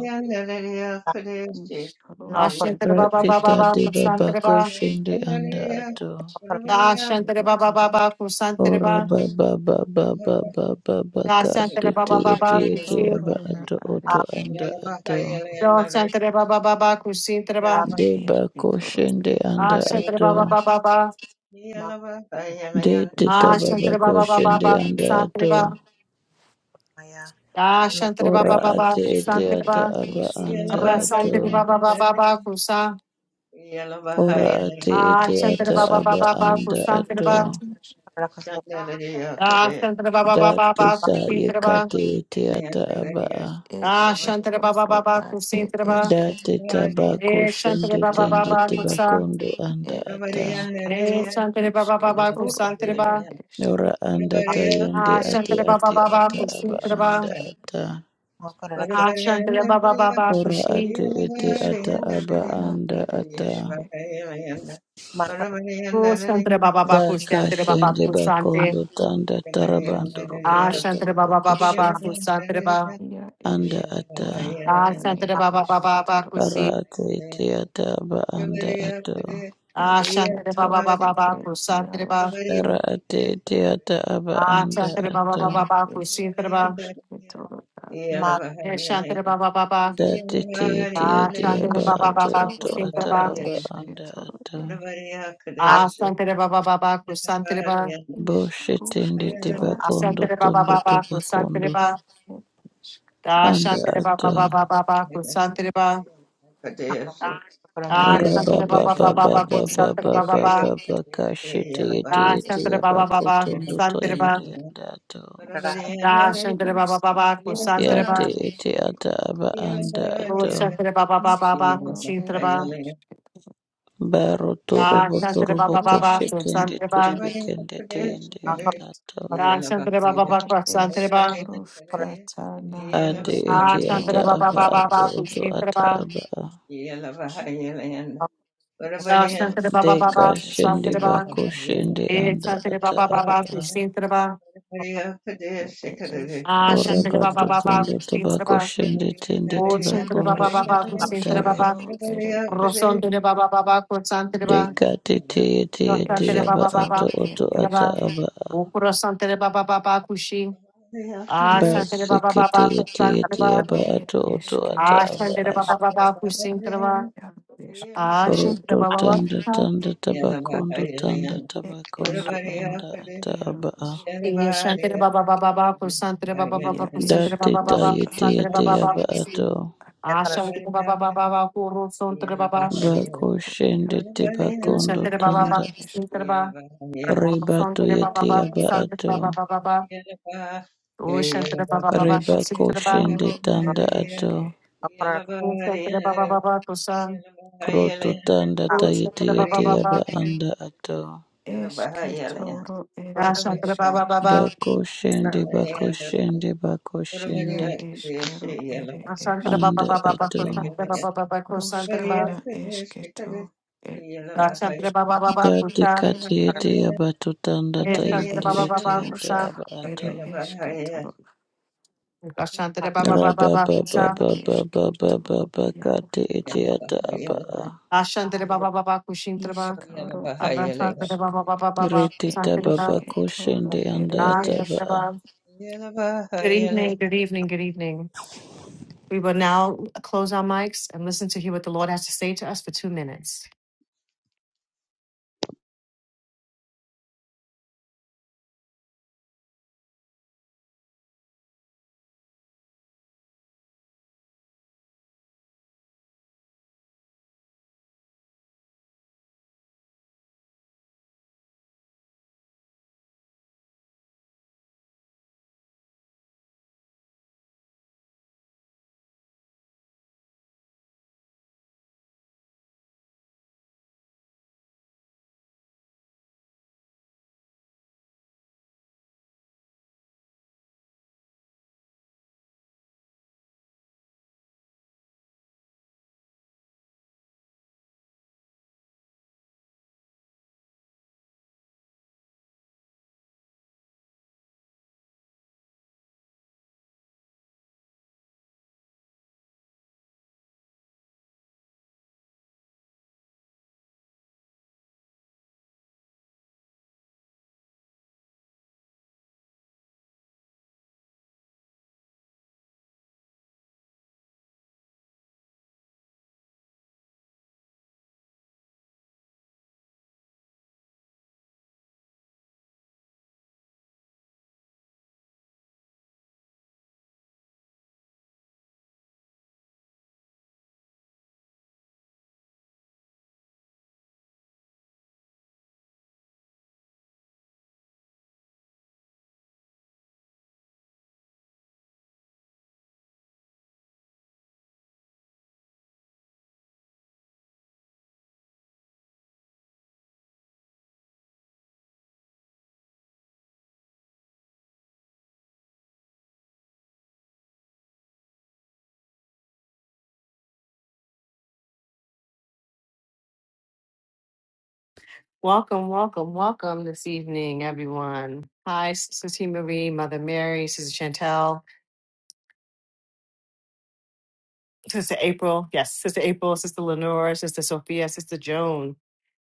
Speaker 1: Ashantra Baba
Speaker 5: Rate
Speaker 1: Baba Baba
Speaker 5: tade babako
Speaker 1: Kusantraba,
Speaker 5: shende anda ato.
Speaker 1: Dashantra Baba Baba Kusantraba,
Speaker 5: Ora baba baba baba baba
Speaker 1: Da
Speaker 5: ka
Speaker 1: Santa
Speaker 5: tete
Speaker 1: Baba
Speaker 5: ete
Speaker 1: Baba
Speaker 5: ete
Speaker 1: Kusi.
Speaker 3: Ishkoroshketoro
Speaker 5: aba
Speaker 3: na
Speaker 5: ato
Speaker 3: are
Speaker 5: oto anda ato.
Speaker 1: Da Santa Baba Baba Kusi Treba.
Speaker 3: ia
Speaker 5: Deba ko
Speaker 3: esketoro
Speaker 5: shende
Speaker 1: Ah
Speaker 5: anda
Speaker 1: Santa Baba
Speaker 5: ato.
Speaker 1: Baba Baba.
Speaker 3: et
Speaker 5: De teta
Speaker 1: Ah
Speaker 5: baba
Speaker 1: Santa
Speaker 3: esketoro
Speaker 1: Baba Baba
Speaker 3: ere
Speaker 5: koshende
Speaker 1: Baba
Speaker 3: ia
Speaker 5: anda
Speaker 1: Santa
Speaker 5: ato.
Speaker 1: Baba. Da
Speaker 4: Yeah.
Speaker 1: Santa
Speaker 5: Ora
Speaker 1: Baba Baba
Speaker 5: ate ete
Speaker 3: eskero
Speaker 1: Santa
Speaker 5: ata
Speaker 3: et
Speaker 1: Baba.
Speaker 5: aba anda
Speaker 3: esketoro
Speaker 1: Ra Santa
Speaker 5: ato.
Speaker 1: Baba
Speaker 3: ia
Speaker 1: Baba Baba Kusa.
Speaker 5: Ora ate
Speaker 3: a
Speaker 1: Ah
Speaker 5: ete
Speaker 1: Santa
Speaker 5: ata
Speaker 1: Baba
Speaker 5: aba
Speaker 1: Baba
Speaker 3: esketoro
Speaker 1: Baba
Speaker 5: anda
Speaker 1: Kusa
Speaker 3: ia
Speaker 1: Treba.
Speaker 5: ato.
Speaker 1: Da Santa Baba Baba
Speaker 5: Da
Speaker 1: Baba
Speaker 5: teta
Speaker 1: Kusi Treba.
Speaker 5: yekate ete ata aba a.
Speaker 1: Ah Santa Baba
Speaker 3: esketoro
Speaker 1: Baba
Speaker 3: ad
Speaker 1: Kusi
Speaker 3: et
Speaker 1: Treba.
Speaker 5: Da
Speaker 3: eske
Speaker 5: teta ba
Speaker 1: Eh Santa
Speaker 5: koshende
Speaker 1: Baba
Speaker 5: tende
Speaker 1: Baba
Speaker 5: tiba
Speaker 1: Kusa.
Speaker 5: kondo anda
Speaker 3: et
Speaker 5: ata.
Speaker 1: Eh
Speaker 3: esketoro
Speaker 1: Santa Baba Baba
Speaker 3: isketoro
Speaker 1: Kusa
Speaker 3: ere
Speaker 1: Treba.
Speaker 3: es
Speaker 5: Ora anda tayende ate
Speaker 1: Ashantara Baba
Speaker 5: ate
Speaker 1: Baba
Speaker 5: ata
Speaker 3: ia
Speaker 5: aba
Speaker 1: Kushantara
Speaker 3: esk
Speaker 5: anda
Speaker 1: Baba
Speaker 5: ata.
Speaker 2: Makaroni
Speaker 1: Ashantara Baba Baba
Speaker 5: Ora
Speaker 1: Kushi
Speaker 5: ate ete ata aba
Speaker 3: ishkoroshkana
Speaker 5: anda
Speaker 3: ere
Speaker 5: ata.
Speaker 3: eske
Speaker 1: Kushantara Baba Baba
Speaker 3: et
Speaker 5: Daka
Speaker 1: Kushantara Baba
Speaker 5: shende
Speaker 4: Yeah.
Speaker 1: Kusante
Speaker 5: bakondo tanda tarabando robondo
Speaker 1: Ashantara
Speaker 5: torobo
Speaker 1: Baba Baba Baba
Speaker 5: koshende
Speaker 1: Kusantara Baba
Speaker 3: Ia
Speaker 5: anda
Speaker 3: esk
Speaker 5: ata
Speaker 3: ruskana e
Speaker 1: Ashantara Baba Baba Baba
Speaker 3: esketoro
Speaker 5: ara
Speaker 1: Kushi
Speaker 5: ate ete ata aba anda ato
Speaker 1: Ashantara Baba Baba
Speaker 3: esketoro
Speaker 1: Baba
Speaker 3: e
Speaker 1: Kusantara Baba
Speaker 3: iarosk
Speaker 5: ara ate ete ata aba anda
Speaker 1: Ashantara Baba
Speaker 5: ato
Speaker 3: e
Speaker 1: Baba Baba
Speaker 3: esk
Speaker 1: Kushantara Baba
Speaker 3: rusketoro a
Speaker 1: Ashantara Baba Baba
Speaker 5: da te te ete ete
Speaker 3: e
Speaker 1: Ashantara
Speaker 5: aba
Speaker 1: Baba
Speaker 5: ato
Speaker 1: Baba
Speaker 5: oto
Speaker 3: esketoro
Speaker 1: Kushantara
Speaker 5: ata
Speaker 3: a
Speaker 1: Baba
Speaker 5: aba anda
Speaker 3: esketoro
Speaker 5: ato
Speaker 3: e
Speaker 1: Ashantara Baba Baba Kusantara Baba
Speaker 5: bo
Speaker 3: isk
Speaker 5: shetende te
Speaker 3: rusketoro
Speaker 5: bakondo
Speaker 1: Kusantara Baba
Speaker 5: tondo te
Speaker 1: Baba Kusantara
Speaker 5: bakondo
Speaker 1: Baba
Speaker 3: e isk
Speaker 1: Da
Speaker 5: anda
Speaker 3: rusketoro
Speaker 1: shantere ba ba
Speaker 5: ato
Speaker 1: ba ba ba ba ko shantere ba.
Speaker 3: e
Speaker 1: Da
Speaker 5: Ora ba
Speaker 1: shantere ba
Speaker 5: ba
Speaker 1: ba ba
Speaker 5: ba
Speaker 1: ba
Speaker 5: ba
Speaker 1: ba
Speaker 3: esketoro
Speaker 1: ko
Speaker 5: ba
Speaker 3: e
Speaker 5: ba
Speaker 1: shantere
Speaker 5: ba
Speaker 1: ba ba
Speaker 3: esk
Speaker 5: ba
Speaker 4: Yeah.
Speaker 1: ba.
Speaker 5: ba ba ka shiti iti
Speaker 1: Da
Speaker 5: iti
Speaker 1: shantere ba
Speaker 5: aba
Speaker 1: ba ba ba ko
Speaker 5: kotondo to
Speaker 1: shantere
Speaker 5: yende
Speaker 1: ba.
Speaker 5: yanda ato.
Speaker 1: Da
Speaker 3: rusketoro
Speaker 1: shantere ba ba ba ba ko
Speaker 3: ruskata
Speaker 1: shantere
Speaker 3: ere
Speaker 1: ba.
Speaker 5: iti
Speaker 3: eske
Speaker 5: ata aba anda
Speaker 1: Ko
Speaker 5: ato.
Speaker 1: shantere ba ba ba ba ba ko
Speaker 3: iskero
Speaker 1: shantere
Speaker 3: ere
Speaker 1: ba.
Speaker 3: esketoro
Speaker 5: Baro
Speaker 1: Da
Speaker 5: turubo
Speaker 1: shantere ba
Speaker 5: turubo
Speaker 1: ba
Speaker 5: ko
Speaker 1: ba ba ko
Speaker 5: shikende
Speaker 1: shantere ba.
Speaker 5: tiribi kende te yende yanda ato.
Speaker 1: Da shantere ba ba ba
Speaker 3: It
Speaker 1: ko shantere
Speaker 3: is
Speaker 1: ba.
Speaker 3: Kruskatana
Speaker 1: Da
Speaker 5: iti ata
Speaker 1: shantere ba ba
Speaker 3: Iskitoro,
Speaker 1: ba
Speaker 5: aba
Speaker 3: it
Speaker 1: ba ba
Speaker 5: ato
Speaker 3: is
Speaker 1: ko
Speaker 5: oto
Speaker 1: shantere
Speaker 5: ata
Speaker 1: ba.
Speaker 5: aba a.
Speaker 1: Da shantere ba ba ba
Speaker 5: Deka
Speaker 3: Kruskana
Speaker 1: ba ko
Speaker 5: shende
Speaker 1: shantere
Speaker 3: Iskitoro,
Speaker 1: ba.
Speaker 5: bako shende
Speaker 1: E
Speaker 5: anda
Speaker 1: shantere ba
Speaker 5: ata
Speaker 1: ba ba ba
Speaker 5: aba
Speaker 1: ko
Speaker 5: a.
Speaker 1: shantere ba.
Speaker 3: it is
Speaker 1: Da
Speaker 3: Kero,
Speaker 5: Ora
Speaker 1: shantere
Speaker 5: ba
Speaker 1: ba ba ba ba ko
Speaker 5: totondo
Speaker 1: shantere
Speaker 5: tobako
Speaker 1: ba.
Speaker 4: Yeah.
Speaker 5: shende tende
Speaker 1: Oh,
Speaker 3: it
Speaker 1: Shantere
Speaker 5: tibakondo
Speaker 1: Baba
Speaker 3: is
Speaker 1: Baba,
Speaker 5: anda ata
Speaker 1: Shantere
Speaker 5: aba
Speaker 1: Baba,
Speaker 3: Kruskero, it is
Speaker 1: Rosantere Baba Baba, Kursantere Baba,
Speaker 5: Deka tete yete yete
Speaker 1: Rosantere
Speaker 5: yaba
Speaker 1: Baba
Speaker 5: ato
Speaker 1: Baba,
Speaker 3: Iskitoro, it
Speaker 5: oto
Speaker 1: Shantere
Speaker 3: is
Speaker 5: ata
Speaker 1: Baba,
Speaker 5: aba a.
Speaker 1: Ukurasantere Baba Baba, Kushi, Ah,
Speaker 5: ba
Speaker 1: Shantere Baba
Speaker 5: sekete
Speaker 1: Baba,
Speaker 5: yete
Speaker 1: Kursantere
Speaker 5: yete
Speaker 1: Baba,
Speaker 5: yaba
Speaker 3: it
Speaker 5: ato oto
Speaker 3: is
Speaker 1: Ah,
Speaker 5: ata
Speaker 3: Kero, it
Speaker 5: aba
Speaker 1: Shantere
Speaker 5: a.
Speaker 3: is
Speaker 1: Baba Baba,
Speaker 3: Kitoro,
Speaker 1: Kusantere Baba,
Speaker 3: it is
Speaker 1: Ah, Shantere
Speaker 5: roto
Speaker 1: Baba
Speaker 5: tanda
Speaker 1: Baba,
Speaker 5: tanda tabakondo tanda
Speaker 3: it is
Speaker 5: tabakondo
Speaker 3: Kero,
Speaker 5: anda
Speaker 3: at
Speaker 5: ata
Speaker 3: Ero
Speaker 5: aba a
Speaker 3: is
Speaker 1: Eh, Shantere Baba Baba Baba, Kursantere Baba Baba,
Speaker 3: Ia
Speaker 5: da
Speaker 3: is
Speaker 1: Kursantere Baba
Speaker 5: teta
Speaker 1: Baba,
Speaker 3: Kruska,
Speaker 5: yete
Speaker 1: Kursantere
Speaker 5: yete
Speaker 1: Baba Baba,
Speaker 5: yaba
Speaker 3: Iskitoro,
Speaker 5: ato
Speaker 1: Kushi,
Speaker 3: at
Speaker 1: Ah, Shantere Baba Baba Baba, Kurusantere Baba,
Speaker 5: bako
Speaker 3: Iskitoro,
Speaker 5: shende te
Speaker 1: Eh,
Speaker 5: bakondo
Speaker 1: Shantere Baba
Speaker 5: tanda
Speaker 1: Baba,
Speaker 3: Ia.
Speaker 1: Kusantere Baba,
Speaker 5: ribato
Speaker 1: Santere Baba
Speaker 5: yete
Speaker 1: Baba,
Speaker 5: yaba
Speaker 1: Santere
Speaker 5: ato
Speaker 1: Baba Baba O Shantara Baba Baba
Speaker 3: Eşke
Speaker 5: ribako
Speaker 1: Sitara Baba
Speaker 5: shende
Speaker 3: toro e
Speaker 5: tanda
Speaker 4: Yeah,
Speaker 5: ato
Speaker 3: eşke.
Speaker 1: O Shantara Baba Baba Kosa
Speaker 5: Kroto tanda
Speaker 1: O
Speaker 5: tayete
Speaker 1: Shantara Baba
Speaker 5: yete yaba
Speaker 1: Baba
Speaker 5: anda ato.
Speaker 3: Eşke toro
Speaker 1: Ya
Speaker 3: ere
Speaker 1: Shantara Baba
Speaker 3: eşke.
Speaker 1: Baba
Speaker 5: Bako shende bako shende bako shende
Speaker 3: İya eşkero ere
Speaker 1: Ya Shantara
Speaker 3: eşk.
Speaker 1: Baba
Speaker 5: anda
Speaker 1: Baba
Speaker 5: ato.
Speaker 1: Kosantara Baba Baba Kosantara Baba
Speaker 3: Ruşkana eşke to. E
Speaker 1: Ya
Speaker 3: ya
Speaker 1: Shantara
Speaker 3: ruşke.
Speaker 1: Baba Baba
Speaker 5: Dati
Speaker 1: Kosa
Speaker 5: kati yete yaba to tanda
Speaker 1: E
Speaker 3: E
Speaker 1: Shantara
Speaker 5: tayende
Speaker 1: Baba
Speaker 3: eşk.
Speaker 5: yete
Speaker 1: Baba
Speaker 5: yata
Speaker 1: Kosa
Speaker 5: aba
Speaker 3: Ruşka
Speaker 5: ato.
Speaker 3: ere eşke toro.
Speaker 1: Ya Shantara Baba Baba
Speaker 5: Raba
Speaker 1: Baba
Speaker 5: baba
Speaker 3: Ad
Speaker 1: Kosa
Speaker 5: baba
Speaker 3: eşke
Speaker 5: baba
Speaker 3: toro.
Speaker 5: baba
Speaker 3: Ya
Speaker 5: kati
Speaker 3: ruşk.
Speaker 5: yete yata aba a.
Speaker 1: Ya Shantara Baba Baba Kushintara Baba
Speaker 3: İşkaro ere
Speaker 1: Arasantara
Speaker 3: eşk.
Speaker 1: Baba Baba Baba
Speaker 5: Rete
Speaker 3: Ruşka
Speaker 1: Santara
Speaker 5: taba
Speaker 1: Baba
Speaker 3: eşke
Speaker 5: bako
Speaker 3: toro
Speaker 5: shende anda
Speaker 3: ere
Speaker 1: Ya
Speaker 5: ataba
Speaker 3: eşk.
Speaker 1: Shantara
Speaker 5: a.
Speaker 1: Baba
Speaker 4: Yellow, uh,
Speaker 1: Good
Speaker 4: yellow.
Speaker 1: evening, good evening, good evening. We will now close our mics and listen to hear what the Lord has to say to us for two minutes. Welcome, welcome, welcome this evening, everyone. Hi, Sister T. Marie, Mother Mary, Sister Chantel, Sister April, yes, Sister April, Sister Lenora, Sister Sophia, Sister Joan.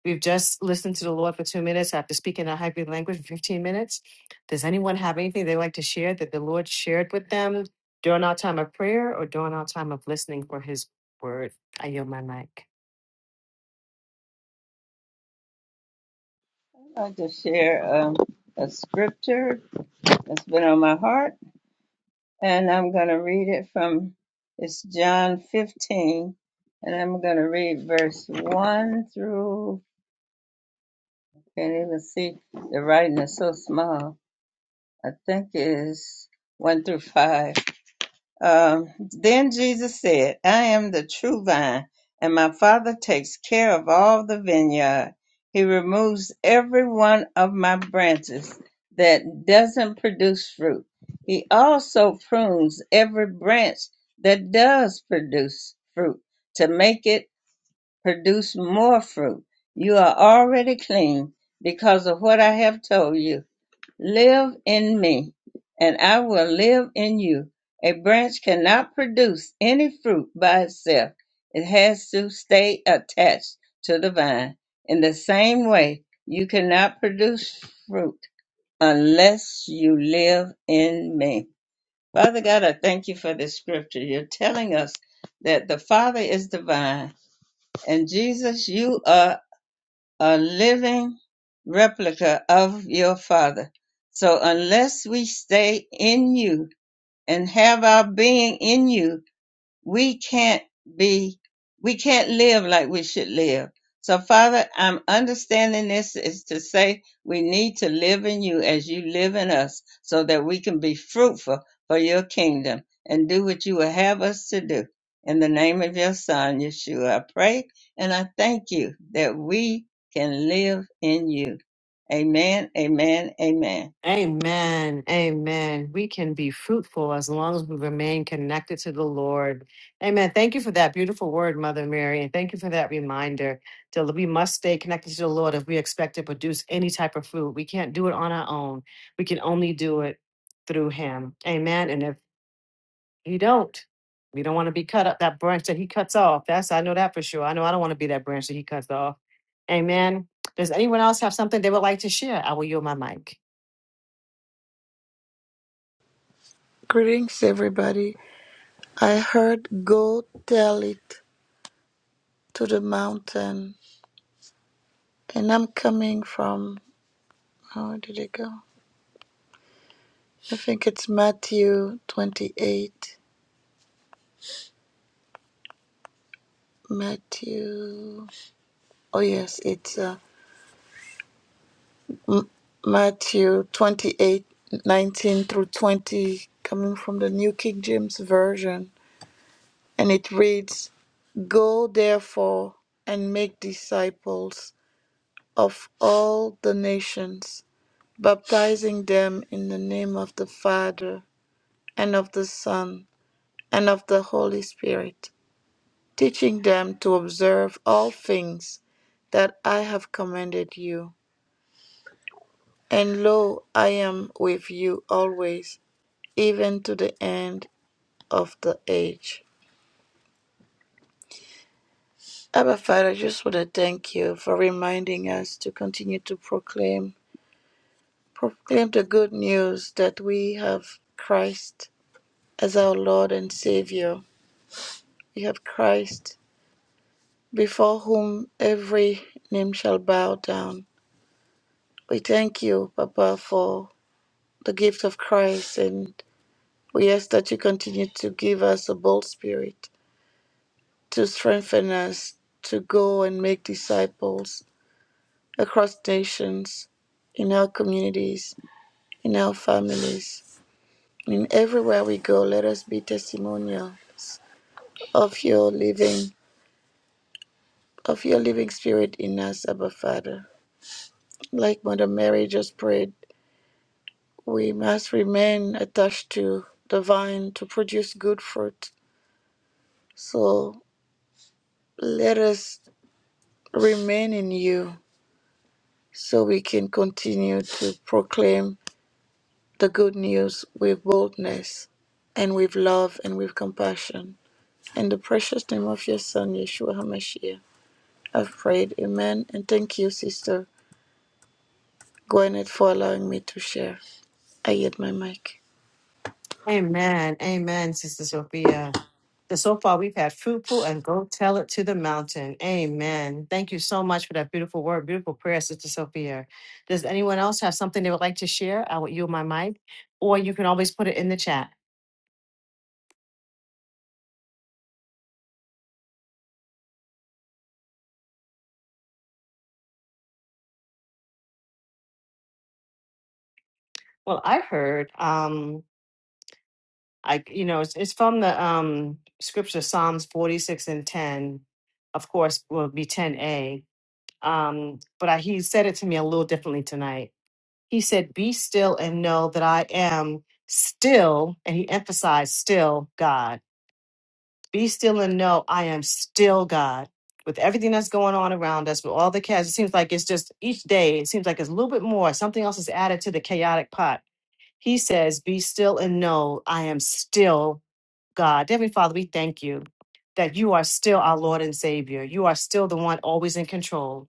Speaker 1: We've just listened to the Lord for two minutes after speaking our hybrid language for 15 minutes. Does anyone have anything they'd like to share that the Lord shared with them during our time of prayer or during our time of listening for his word? I yield my mic.
Speaker 4: I'd like to share um, a scripture that's been on my heart, and I'm going to read it from it's John 15, and I'm going to read verse 1 through, can't even see, the writing is so small. I think it's 1 through 5. Um, then Jesus said, I am the true vine, and my Father takes care of all the vineyard. He removes every one of my branches that doesn't produce fruit. He also prunes every branch that does produce fruit to make it produce more fruit. You are already clean because of what I have told you. Live in me, and I will live in you. A branch cannot produce any fruit by itself, it has to stay attached to the vine. In the same way, you cannot produce fruit unless you live in me. Father God, I thank you for this scripture. You're telling us that the Father is the vine, and Jesus, you are a living replica of your Father. So unless we stay in you and have our being in you, we can't be we can't live like we should live so father i'm understanding this is to say we need to live in you as you live in us so that we can be fruitful for your kingdom and do what you will have us to do in the name of your son yeshua i pray and i thank you that we can live in you amen amen amen
Speaker 1: Amen. Amen. We can be fruitful as long as we remain connected to the Lord. Amen. Thank you for that beautiful word, Mother Mary. And thank you for that reminder that we must stay connected to the Lord if we expect to produce any type of fruit. We can't do it on our own. We can only do it through Him. Amen. And if you don't, we don't want to be cut up that branch that He cuts off. That's, I know that for sure. I know I don't want to be that branch that He cuts off. Amen. Does anyone else have something they would like to share? I will yield my mic.
Speaker 5: Greetings everybody. I heard go tell it to the mountain. And I'm coming from, how did it go? I think it's Matthew 28. Matthew, oh yes, it's uh, M- Matthew 28, 19 through 20, coming from the New King James Version. And it reads, Go therefore and make disciples of all the nations, baptizing them in the name of the Father and of the Son and of the Holy Spirit teaching them to observe all things that I have commanded you. And lo, I am with you always, even to the end of the age. Abba Father, I just want to thank you for reminding us to continue to proclaim, proclaim the good news that we have Christ as our Lord and Savior. We have Christ before whom every name shall bow down. We thank you, Papa, for the gift of Christ. And we ask that you continue to give us a bold spirit to strengthen us to go and make disciples across nations, in our communities, in our families. And everywhere we go, let us be testimonials of your living of your living spirit in us, Abba Father. Like Mother Mary just prayed, we must remain attached to the vine to produce good fruit. So let us remain in you so we can continue to proclaim the good news with boldness and with love and with compassion. In the precious name of your Son, Yeshua HaMashiach, I've prayed. Amen. And thank you, Sister Gwyneth, for allowing me to share. I yield my mic.
Speaker 1: Amen. Amen, Sister Sophia. So so far, we've had fruitful and go tell it to the mountain. Amen. Thank you so much for that beautiful word, beautiful prayer, Sister Sophia. Does anyone else have something they would like to share? I will yield my mic, or you can always put it in the chat. Well, I heard. Um, I, you know, it's, it's from the um, scripture Psalms 46 and 10, of course, will be 10a. Um, but I, he said it to me a little differently tonight. He said, Be still and know that I am still, and he emphasized still God. Be still and know I am still God. With everything that's going on around us, with all the chaos, it seems like it's just each day, it seems like it's a little bit more. Something else is added to the chaotic pot. He says, Be still and know I am still God, Heavenly Father, we thank you that you are still our Lord and Savior. You are still the one always in control,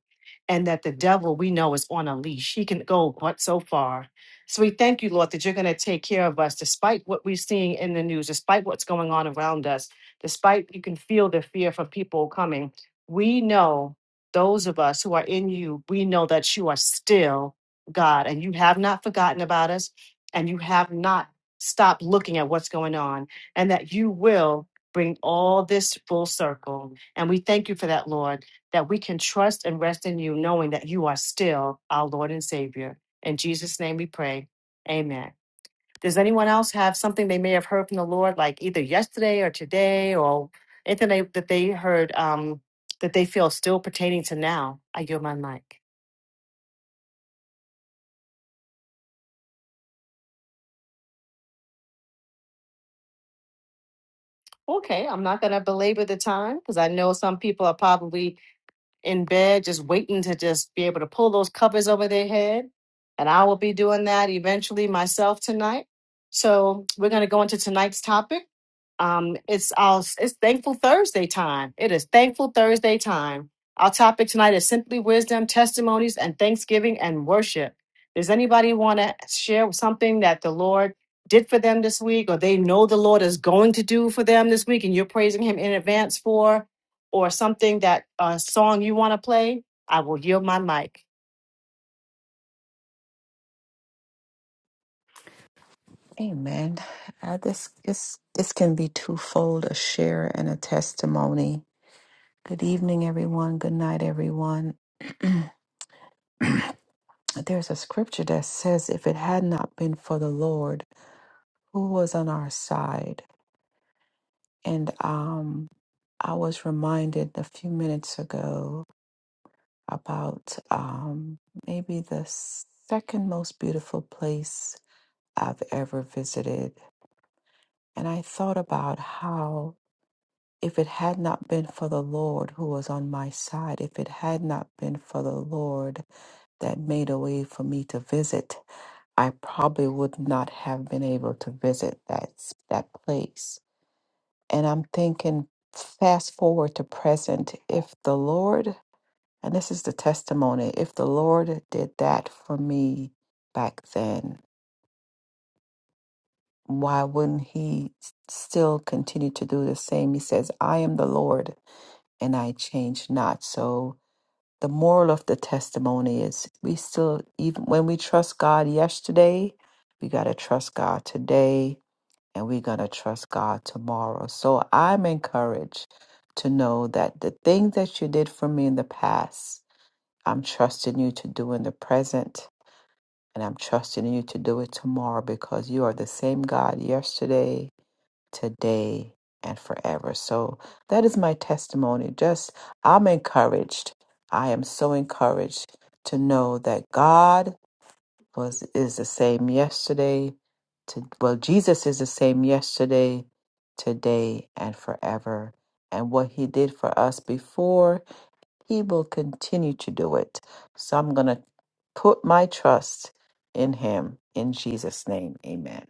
Speaker 1: and that the devil we know is on a leash. He can go but so far. So we thank you, Lord, that you're going to take care of us despite what we're seeing in the news, despite what's going on around us, despite you can feel the fear from people coming. We know those of us who are in you, we know that you are still God and you have not forgotten about us and you have not stopped looking at what's going on and that you will bring all this full circle. And we thank you for that, Lord, that we can trust and rest in you, knowing that you are still our Lord and Savior. In Jesus' name we pray. Amen. Does anyone else have something they may have heard from the Lord, like either yesterday or today, or anything they, that they heard um, that they feel still pertaining to now? I yield my mic. Okay, I'm not going to belabor the time because I know some people are probably in bed, just waiting to just be able to pull those covers over their head. And I will be doing that eventually myself tonight. So we're going to go into tonight's topic. Um, it's our, it's Thankful Thursday time. It is Thankful Thursday time. Our topic tonight is simply wisdom, testimonies, and thanksgiving and worship. Does anybody want to share something that the Lord did for them this week, or they know the Lord is going to do for them this week, and you're praising Him in advance for? or something that a song you want to play, I will yield my mic.
Speaker 3: Amen. Uh, this is this can be twofold: a share and a testimony. Good evening, everyone. Good night, everyone. There's a scripture that says, "If it had not been for the Lord, who was on our side?" And um, I was reminded a few minutes ago about um, maybe the second most beautiful place I've ever visited, and I thought about how. If it had not been for the Lord who was on my side, if it had not been for the Lord that made a way for me to visit, I probably would not have been able to visit that s- that place. And I'm thinking, fast forward to present, if the Lord, and this is the testimony, if the Lord did that for me back then, why wouldn't He s- still continue to do the same? He says, "I am the Lord." and I change not. So the moral of the testimony is we still even when we trust God yesterday, we got to trust God today and we're going to trust God tomorrow. So I'm encouraged to know that the thing that you did for me in the past, I'm trusting you to do in the present and I'm trusting you to do it tomorrow because you are the same God yesterday today and forever. So that is my testimony. Just I'm encouraged. I am so encouraged to know that God was is the same yesterday to well Jesus is the same yesterday, today and forever. And what he did for us before, he will continue to do it. So I'm going to put my trust in him in Jesus name. Amen.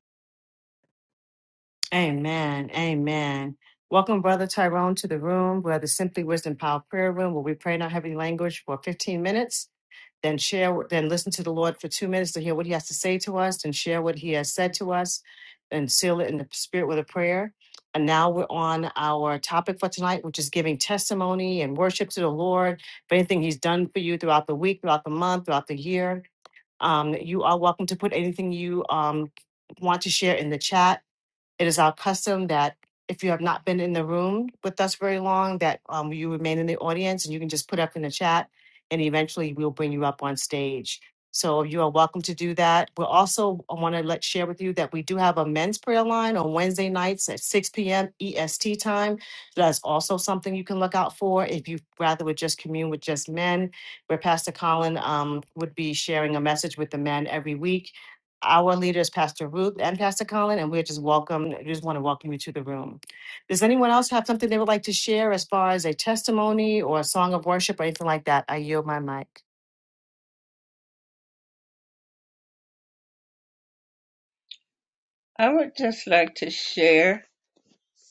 Speaker 1: Amen. Amen. Welcome, Brother Tyrone, to the room where the Simply Wisdom Power Prayer Room, where we pray in our heavenly language for 15 minutes, then share, then listen to the Lord for two minutes to hear what He has to say to us, and share what He has said to us, and seal it in the Spirit with a prayer. And now we're on our topic for tonight, which is giving testimony and worship to the Lord for anything He's done for you throughout the week, throughout the month, throughout the year. Um, you are welcome to put anything you um want to share in the chat. It is our custom that if you have not been in the room with us very long, that um, you remain in the audience and you can just put up in the chat and eventually we'll bring you up on stage. So you are welcome to do that. We also want to let share with you that we do have a men's prayer line on Wednesday nights at 6 p.m. EST time. That's also something you can look out for if you rather would just commune with just men, where Pastor Colin um, would be sharing a message with the men every week our leader is Pastor Ruth and Pastor Colin, and we're just welcome. We just want to welcome you to the room. Does anyone else have something they would like to share as far as a testimony or a song of worship or anything like that? I yield my mic.
Speaker 4: i would just like to share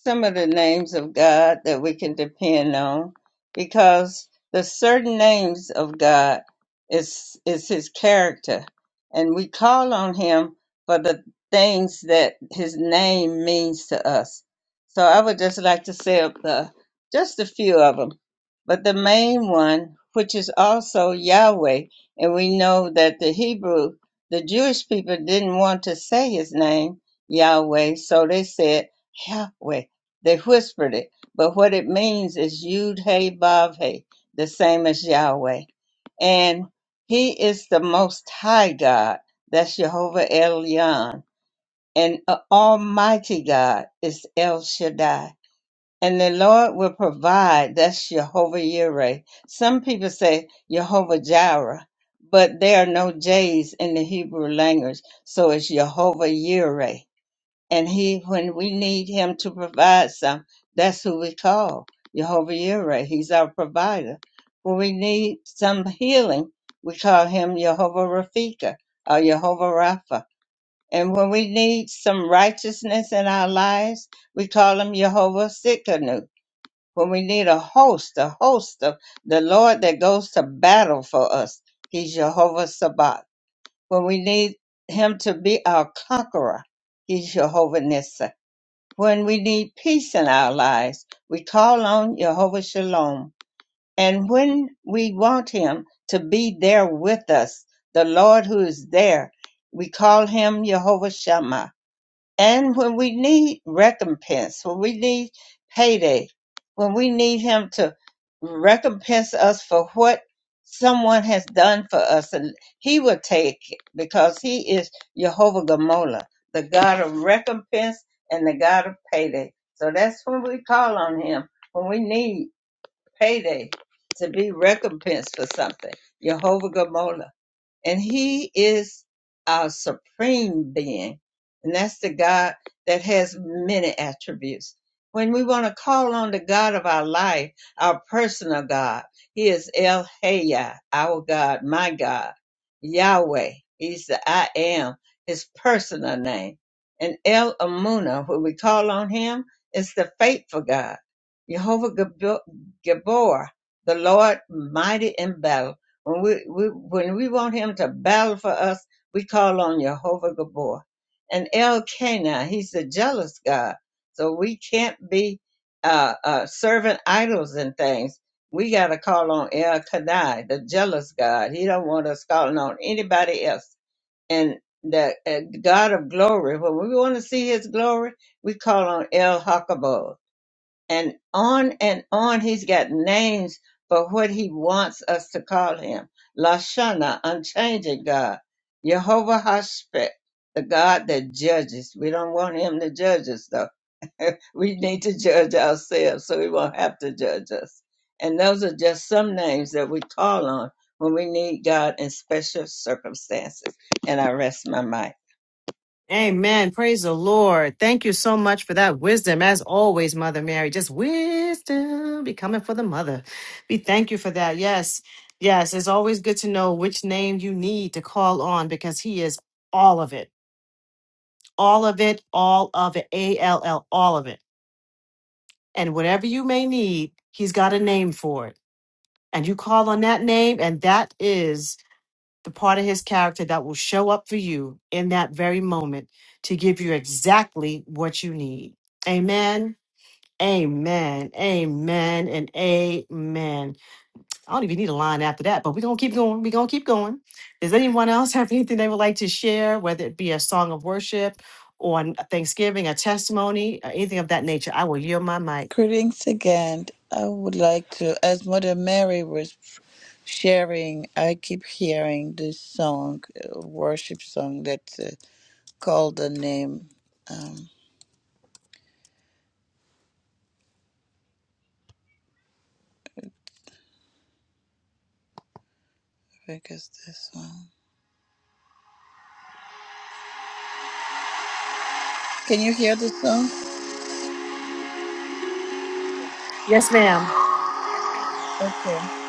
Speaker 4: some of the names of God that we can depend on because the certain names of God is is his character and we call on him for the things that his name means to us. So I would just like to say up the just a few of them. But the main one, which is also Yahweh, and we know that the Hebrew, the Jewish people didn't want to say his name, Yahweh, so they said Yahweh. They whispered it, but what it means is Yud Hey Vav Hey, the same as Yahweh. And He is the Most High God. That's Jehovah Elyon. And uh, Almighty God is El Shaddai. And the Lord will provide. That's Jehovah Yireh. Some people say Jehovah Jireh, but there are no J's in the Hebrew language, so it's Jehovah Yireh. And he, when we need him to provide some, that's who we call Jehovah Yireh. He's our provider. When we need some healing, we call him Jehovah Rafika or Jehovah Rapha. And when we need some righteousness in our lives, we call him Jehovah Sikkenu. When we need a host, a host of the Lord that goes to battle for us, he's Jehovah Sabbath. When we need him to be our conqueror, he's Jehovah Nissi when we need peace in our lives, we call on Jehovah Shalom. And when we want Him to be there with us, the Lord who is there, we call Him Jehovah Shammah. And when we need recompense, when we need payday, when we need Him to recompense us for what someone has done for us, and He will take it because He is Jehovah Gamola, the God of recompense and the God of payday. So that's when we call on Him, when we need payday to be recompensed for something. Jehovah Gamola and he is our supreme being and that's the god that has many attributes when we want to call on the god of our life our personal god he is el Haya, our god my god yahweh he's the i am his personal name and el amuna when we call on him is the faithful god jehovah Gabo- gabor the lord mighty in battle when we, we when we want him to battle for us, we call on Jehovah Gabor. And El Canaan, he's a jealous God. So we can't be uh, uh, serving idols and things. We got to call on El Kadai, the jealous God. He don't want us calling on anybody else. And the uh, God of glory, when we want to see his glory, we call on El Hakabod and on and on. He's got names for what he wants us to call him. Lashana, unchanging God. Jehovah Hashpet, the God that judges. We don't want him to judge us though. we need to judge ourselves so he won't have to judge us. And those are just some names that we call on when we need God in special circumstances. And I rest my mind.
Speaker 1: Amen. Praise the Lord. Thank you so much for that wisdom, as always, Mother Mary. Just wisdom be coming for the mother. We thank you for that. Yes, yes. It's always good to know which name you need to call on because He is all of it. All of it, all of it, A L L, all of it and whatever you may need, he's got a name for it. And you call on that name, and that is the part of his character that will show up for you in that very moment to give you exactly what you need. Amen. Amen. Amen. And amen. I don't even need a line after that, but we're going to keep going. We're going to keep going. Does anyone else have anything they would like to share, whether it be a song of worship or a Thanksgiving, a testimony, or anything of that nature? I will yield my mic.
Speaker 5: Greetings again. I would like to, as Mother Mary was sharing, I keep hearing this song, uh, worship song that's uh, called the name. Um, Quick as this one. Can you hear the song?
Speaker 1: Yes, ma'am.
Speaker 5: Okay.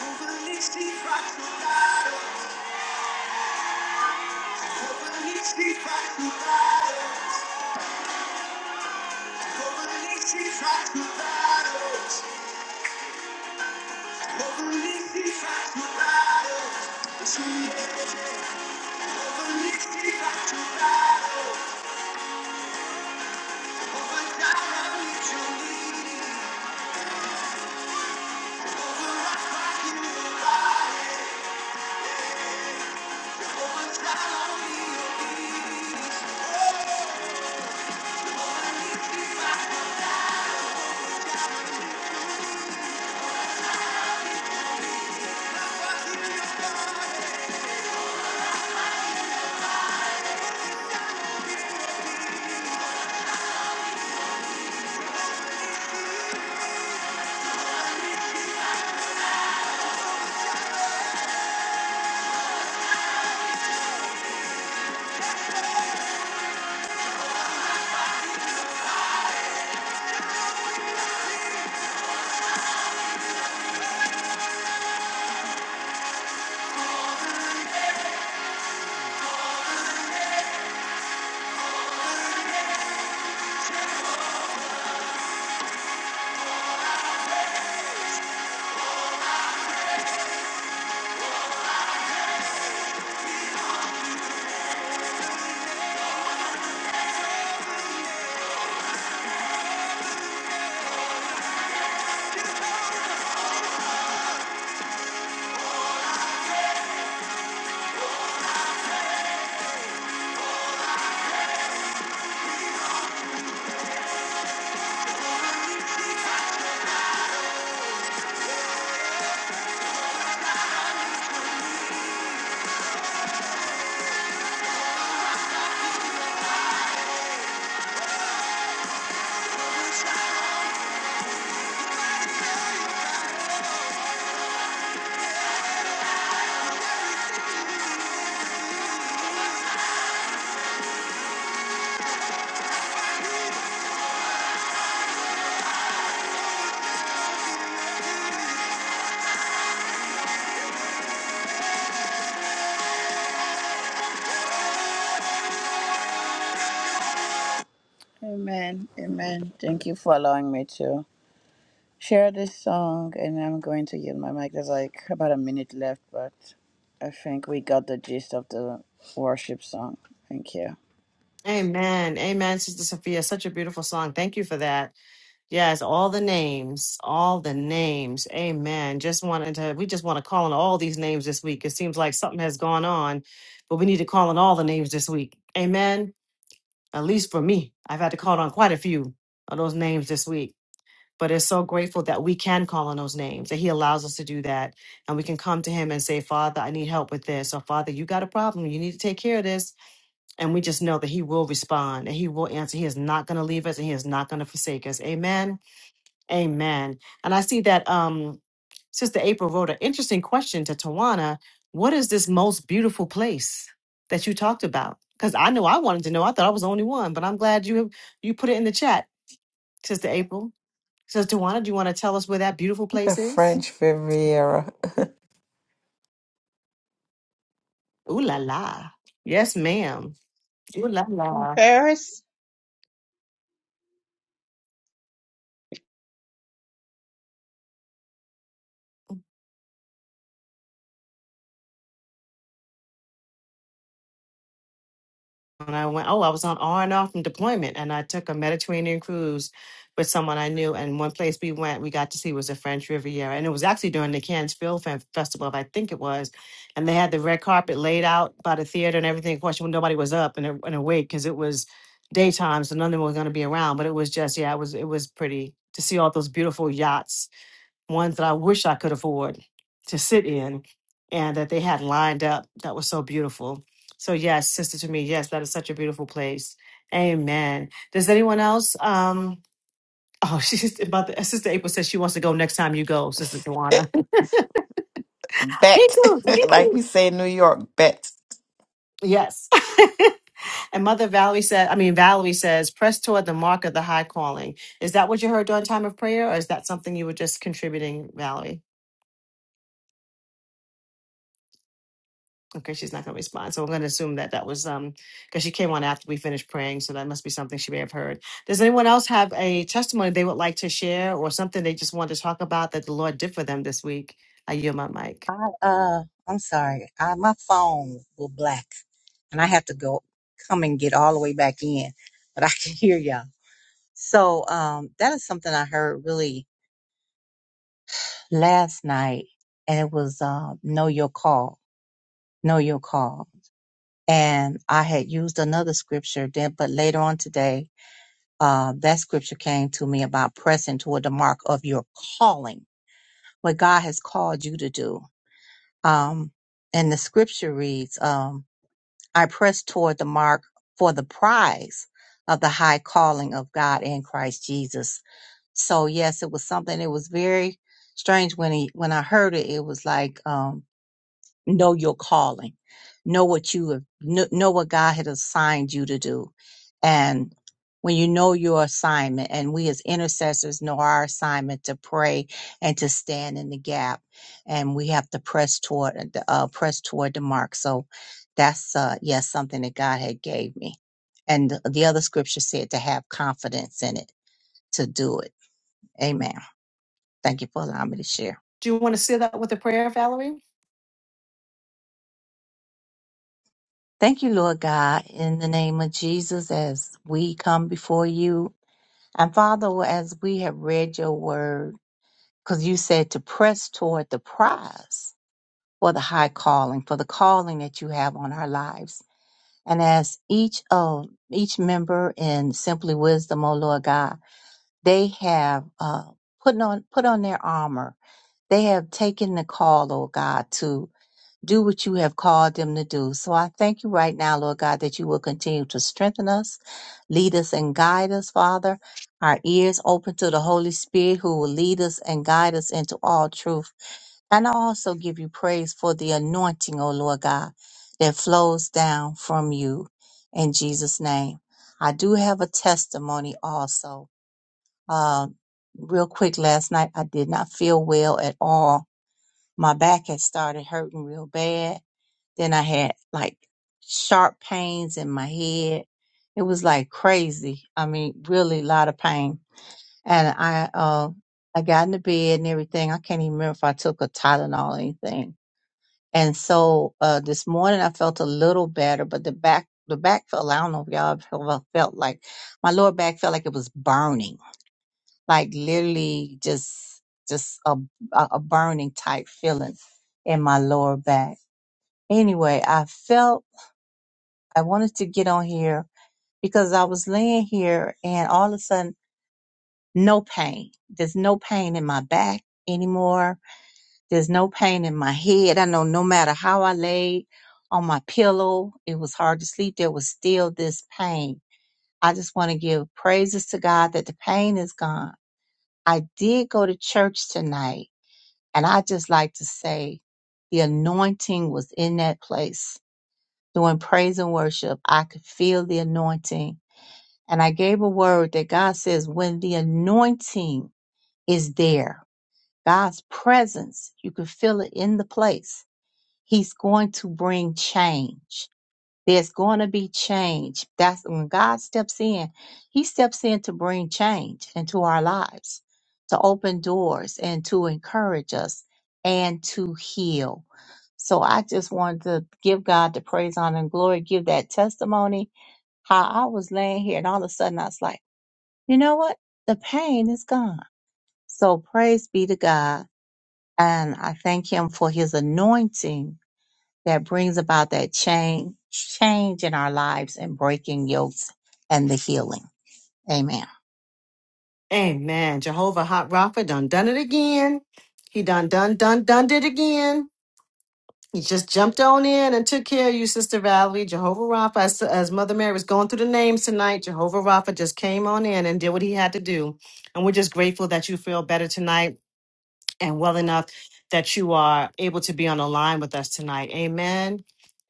Speaker 5: Over the knee, steep right through battle. Over the knee, steep right through battle. Oh, Amen. Amen. Thank you for allowing me to. share this song and I'm going to yield my mic. There's like about a minute left, but I think we got the gist of the worship song. Thank you.
Speaker 1: Amen. Amen, Sister Sophia. Such a beautiful song. Thank you for that. Yes, all the names, all the names. Amen. Just wanted to, we just want to call on all these names this week. It seems like something has gone on, but we need to call on all the names this week. Amen. At least for me, I've had to call on quite a few of those names this week. But it's so grateful that we can call on those names, that He allows us to do that. And we can come to Him and say, Father, I need help with this. Or, Father, you got a problem. You need to take care of this and we just know that He will respond and He will answer. He is not going to leave us and He is not going to forsake us. Amen. Amen. And I see that um, Sister April wrote an interesting question to Tawana What is this most beautiful place that you talked about? Because I know I wanted to know. I thought I was the only one, but I'm glad you you put it in the chat, Sister April. Sister Tawana, do you want to tell us where that beautiful
Speaker 3: The
Speaker 1: place is?
Speaker 3: French Riviera.
Speaker 1: Ooh la la. Yes, ma'am. Ooh la la.
Speaker 4: Paris?
Speaker 1: and I went, oh, I was on R and R from deployment, and I took a Mediterranean cruise with someone I knew. And one place we went, we got to see was the French Riviera, and it was actually during the Cannes Film Fe- Festival, I think it was. And they had the red carpet laid out by the theater and everything. Of course, when nobody was up and, a- and awake because it was daytime, so none of them were going to be around. But it was just, yeah, it was it was pretty to see all those beautiful yachts ones that I wish I could afford to sit in and that they had lined up that was so beautiful. So yes, sister to me, yes, that is such a beautiful place. Amen. Does anyone else um oh she's about the sister April says she wants to go next time you go, Sister Duana. me
Speaker 3: bet,
Speaker 1: too. Me
Speaker 3: like
Speaker 1: too.
Speaker 3: we say in New York, bet.
Speaker 1: Yes. and Mother Valerie said, I mean Valerie says, press toward the mark of the high calling. Is that what you heard during time of prayer or is that something you were just contributing, Valerie? Okay, she's not going to respond. So I'm going to assume that that was um because she came on after we finished praying, so that must be something she may have heard. Does anyone else have a testimony they would like to share or something they just want to talk about that the Lord did for them this week? I yield my mic.
Speaker 6: I uh, I'm sorry. I, my phone will black, and I have to go come and get all the way back in, but I can hear y'all. So um, that is something I heard really last night, and it was uh, know your call, know your call. And I had used another scripture then, but later on today, uh, that scripture came to me about pressing toward the mark of your calling, what God has called you to do. Um, and the scripture reads, um. I press toward the mark for the prize of the high calling of God in Christ Jesus. So yes, it was something. It was very strange when he when I heard it. It was like um, know your calling know what you have kn- know what god had assigned you to do and when you know your assignment and we as intercessors know our assignment to pray and to stand in the gap and we have to press toward the uh, press toward the mark so that's uh yes something that god had gave me and the the other scripture said to have confidence in it to do it amen thank you for allowing me to share
Speaker 1: Do you want to seal that with a prayer, Valerie?
Speaker 6: Thank you, Lord God, in the name of Jesus, as we come before you. And Father, as we have read your word, because you said to press toward the prize for the high calling, for the calling that you have on our lives. And as each of each member in Simply Wisdom, oh Lord God, they have uh, put on put on their armor. They have taken the call, oh God, to do what you have called them to do. So I thank you right now, Lord God, that you will continue to strengthen us, lead us, and guide us, Father. Our ears open to the Holy Spirit who will lead us and guide us into all truth. And I also give you praise for the anointing, O Lord God, that flows down from you in Jesus' name. I do have a testimony also. Uh, real quick, last night I did not feel well at all. My back had started hurting real bad then I had like sharp pains in my head. It was like crazy. I mean, really a lot of pain. And I uh I got into bed and everything. I can't even remember if I took a Tylenol or anything. And so uh this morning I felt a little better, but the back the back felt I don't know if y'all ever felt like my lower back felt like it was burning. Like literally just just a a a burning type feeling in my lower back. Anyway, I felt I wanted to get on here because I was laying here and all of a sudden, no pain. There's no pain in my back anymore. There's no pain in my head. I know no matter how I laid on my pillow, it was hard to sleep. There was still this pain. I just want to give praises to God that the pain is gone. I did go to church tonight and I just like to say the anointing was in that place. During praise and worship, I could feel the anointing And I gave a word that God says when the anointing is there, God's presence, you can feel it in the place. He's going to bring change. There's going to be change. That's when God steps in, He steps in to bring change into our lives, to open doors and to encourage us and to heal. So I just wanted to give God the praise, honor, and glory, give that testimony. How I was laying here and all of a sudden I was like, you know what? The pain is gone. So praise be to God. And I thank him for his anointing that brings about that change, change in our lives and breaking yokes and the healing. Amen.
Speaker 1: Amen. Jehovah Hot Rapha done done it again. He done done done done did again. He just jumped on in and took care of you, Sister Valerie. Jehovah Rapha, as, as Mother Mary was going through the names tonight, Jehovah Rapha just came on in and did what he had to do. And we're just grateful that you feel better tonight and well enough that you are able to be on the line with us tonight. Amen.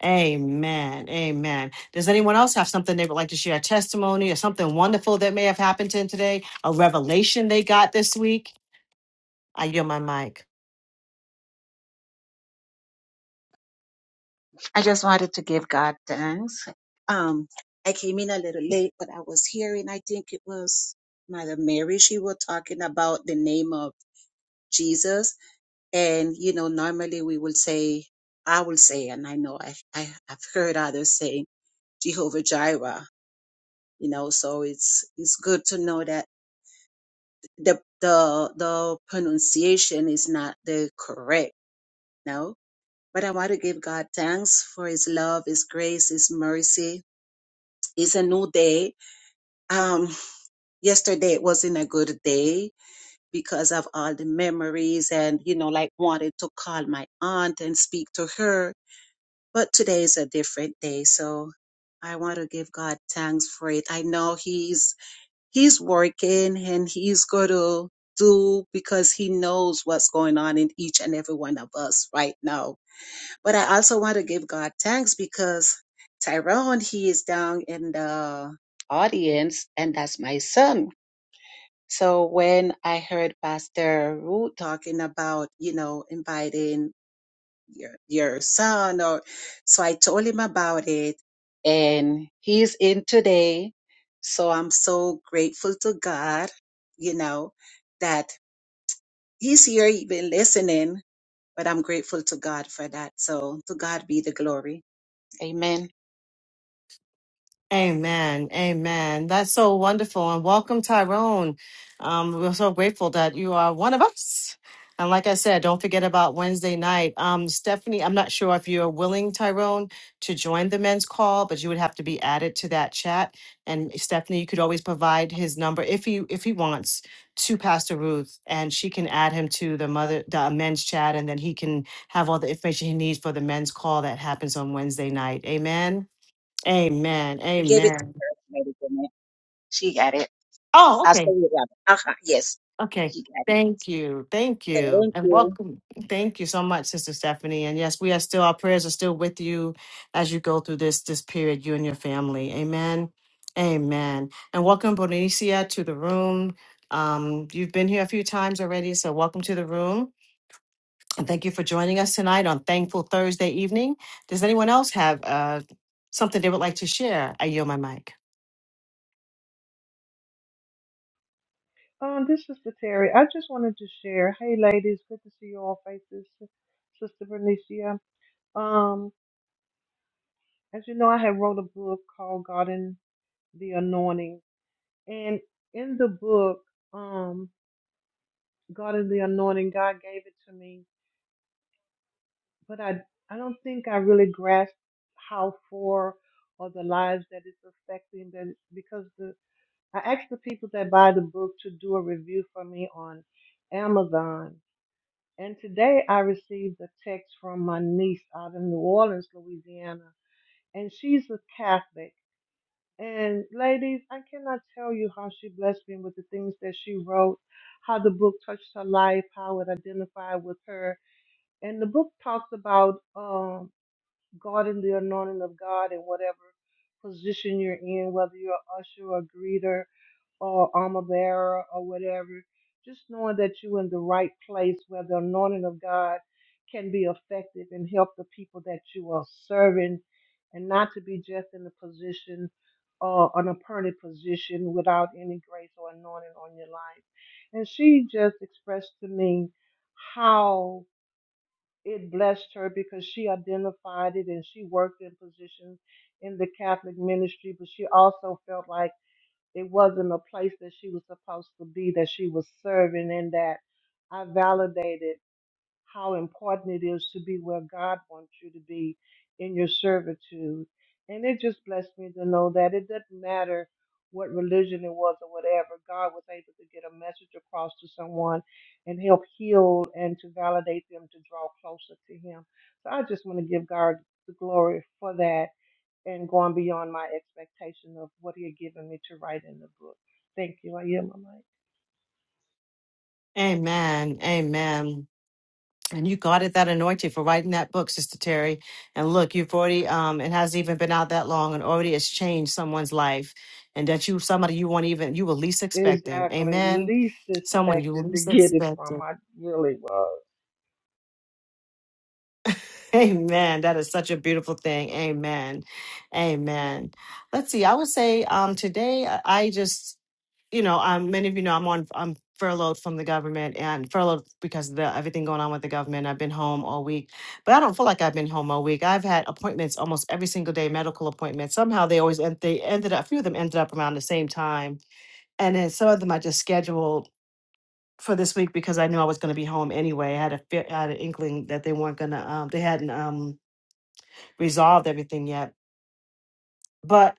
Speaker 1: Amen. Amen. Does anyone else have something they would like to share? A testimony or something wonderful that may have happened to them today? A revelation they got this week? I yield my mic.
Speaker 7: I just wanted to give God thanks. Um, I came in a little late, but I was hearing, I think it was Mother Mary, she was talking about the name of Jesus. And, you know, normally we will say, I will say, and I know I, I, I've heard others saying Jehovah Jireh, you know, so it's, it's good to know that the, the, the pronunciation is not the correct, no? But I want to give God thanks for his love, his grace, his mercy, it's a new day. Um, yesterday it wasn't a good day because of all the memories and, you know, like wanted to call my aunt and speak to her. But today is a different day. So I want to give God thanks for it. I know he's, he's working and he's going to do because he knows what's going on in each and every one of us right now but I also want to give God thanks because Tyrone, he is down in the audience, and that's my son. So when I heard Pastor Ruth talking about, you know, inviting your your son or so I told him about it and he's in today. So I'm so grateful to God, you know, that he's here even listening, but I'm grateful to God for that. So to God be the glory. Amen.
Speaker 1: Amen. Amen. That's so wonderful. And welcome, Tyrone. Um, we're so grateful that you are one of us. And like I said, don't forget about Wednesday night. Um, Stephanie, I'm not sure if you're willing, Tyrone, to join the men's call, but you would have to be added to that chat. And Stephanie, you could always provide his number if he if he wants to Pastor Ruth, and she can add him to the mother the men's chat, and then he can have all the information he needs for the men's call that happens on Wednesday night. Amen. Amen.
Speaker 7: He gave it to
Speaker 1: Amen.
Speaker 7: her. Wait a minute. She got it.
Speaker 1: Oh,
Speaker 7: I said
Speaker 1: okay.
Speaker 7: it right. Uh-huh. Yes.
Speaker 1: Okay.
Speaker 7: She got it.
Speaker 1: Thank you. Thank you.
Speaker 7: Thank
Speaker 1: And
Speaker 7: you.
Speaker 1: welcome. Thank you so much, Sister Stephanie. And yes, we are still, our prayers are still with you as you go through this, this period, you and your family. Amen. Amen. And welcome, Bonicia, to the room. Um, you've been here a few times already, so welcome to the room. And thank you for joining us tonight on Thankful Thursday evening. Does anyone else have uh, something they would like to share? I yield my mic.
Speaker 8: Um, this is the Terry. I just wanted to share. Hey, ladies, good to see you all faces. Sister Bernicia. Um, as you know, I have wrote a book called God in the Anointing, and in the book, um, God in the Anointing, God gave it to me, but I, I don't think I really grasped how for or the lives that it's affecting. That because the I asked the people that buy the book to do a review for me on Amazon, And today I received a text from my niece out in New Orleans, Louisiana, and she's a Catholic. And ladies, I cannot tell you how she blessed me with the things that she wrote, how the book touched her life, how it identified with her. And the book talks about um, God and the anointing of God and whatever position you're in, whether you're an usher or greeter or armor bearer or whatever. Just knowing that you're in the right place where the anointing of God can be effective and help the people that you are serving, and not to be just in a position or an appointed position without any grace or anointing on your life. And she just expressed to me how it blessed her because she identified it and she worked in positions in the Catholic ministry, but she also felt like it wasn't a place that she was supposed to be, that she was serving, and that I validated how important it is to be where God wants you to be in your servitude. And it just blessed me to know that it doesn't matter what religion it was or whatever, God was able to get a message across to someone and help heal and to validate them to draw closer to Him. So I just want to give God the glory for that and going beyond my expectation of what he had given me to write in the book. Thank you. I am my mic.
Speaker 1: Amen. Amen. And you got it that anointing for writing that book, Sister Terry. And look, you've already um it hasn't even been out that long and already it's changed someone's life. And that you somebody you weren't even you were least expecting.
Speaker 8: Exactly.
Speaker 1: Amen.
Speaker 8: Least
Speaker 1: Someone you
Speaker 8: expected to
Speaker 1: least
Speaker 8: get it from.
Speaker 1: expected.
Speaker 8: I really was.
Speaker 1: Amen. That is such a beautiful thing. Amen. Amen. Let's see. I would say um today I I just you know, um, many of you know I'm on I'm furloughed from the government and furloughed because of the everything going on with the government. I've been home all week, but I don't feel like I've been home all week. I've had appointments almost every single day, medical appointments. Somehow they always end, they ended up. A few of them ended up around the same time, and then some of them I just scheduled for this week because I knew I was going to be home anyway. I had a fe- I had an inkling that they weren't gonna um, they hadn't um, resolved everything yet. But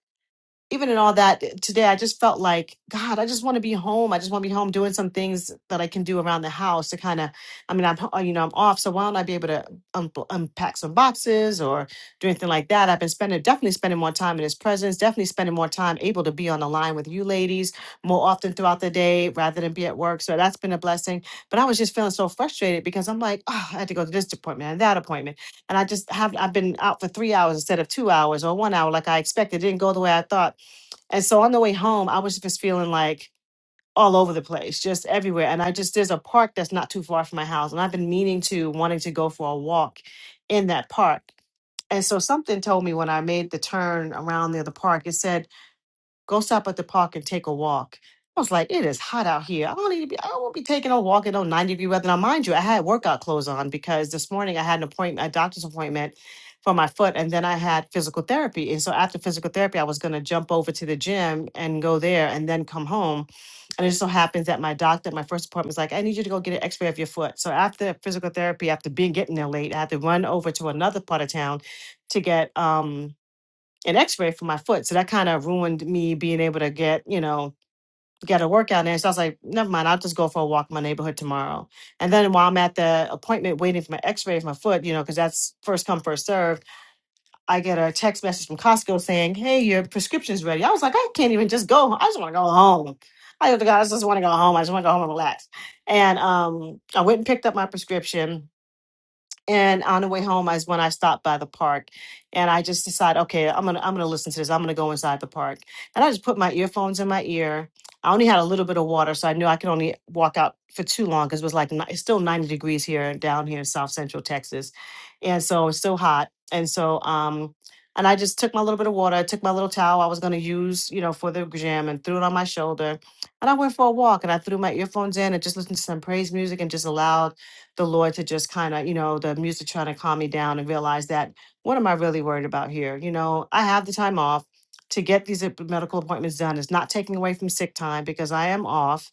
Speaker 1: even in all that today i just felt like god i just want to be home i just want to be home doing some things that i can do around the house to kind of i mean i'm ho- you know i'm off so why don't i be able to un- unpack some boxes or do anything like that i've been spending definitely spending more time in his presence definitely spending more time able to be on the line with you ladies more often throughout the day rather than be at work so that's been a blessing but i was just feeling so frustrated because i'm like oh i had to go to this appointment and that appointment and i just have i've been out for three hours instead of two hours or one hour like i expected it didn't go the way i thought and so on the way home, I was just feeling like all over the place, just everywhere. And I just, there's a park that's not too far from my house. And I've been meaning to, wanting to go for a walk in that park. And so something told me when I made the turn around near the park, it said, Go stop at the park and take a walk. I was like, it is hot out here. I don't need to be, I won't be taking a walk in no 90 degree weather. Now, mind you, I had workout clothes on because this morning I had an appointment, a doctor's appointment for my foot, and then I had physical therapy. And so after physical therapy, I was going to jump over to the gym and go there and then come home. And it just so happens that my doctor my first appointment was like, I need you to go get an x ray of your foot. So after physical therapy, after being getting there late, I had to run over to another part of town to get. um an x-ray for my foot so that kind of ruined me being able to get you know get a workout in so i was like never mind i'll just go for a walk in my neighborhood tomorrow and then while i'm at the appointment waiting for my x-ray for my foot you know because that's first come first served i get a text message from costco saying hey your prescription's ready i was like i can't even just go i just want to go home i just to go I just want to go home i just want to go home and relax and um, i went and picked up my prescription and on the way home is when I stopped by the park, and I just decided, okay, I'm gonna I'm gonna listen to this. I'm gonna go inside the park, and I just put my earphones in my ear. I only had a little bit of water, so I knew I could only walk out for too long because it was like ni- it's still 90 degrees here down here in South Central Texas, and so it's still hot. And so, um, and I just took my little bit of water. I took my little towel I was gonna use, you know, for the gym, and threw it on my shoulder, and I went for a walk. And I threw my earphones in and just listened to some praise music and just allowed the Lord to just kind of, you know, the music trying to calm me down and realize that what am I really worried about here? You know, I have the time off to get these app- medical appointments done. It's not taking away from sick time because I am off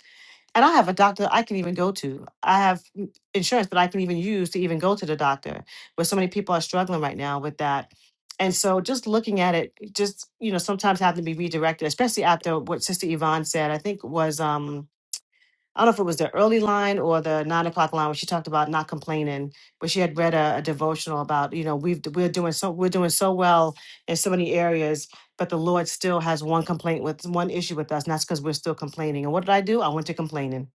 Speaker 1: and I have a doctor I can even go to. I have mm, insurance that I can even use to even go to the doctor where so many people are struggling right now with that. And so just looking at it, just, you know, sometimes having to be redirected, especially after what Sister Yvonne said, I think was, um, I don't know if it was the early line or the nine o'clock line where she talked about not complaining, but she had read a, a devotional about, you know, we've we're doing so we're doing so well in so many areas, but the Lord still has one complaint with one issue with us, and that's because we're still complaining. And what did I do? I went to complaining.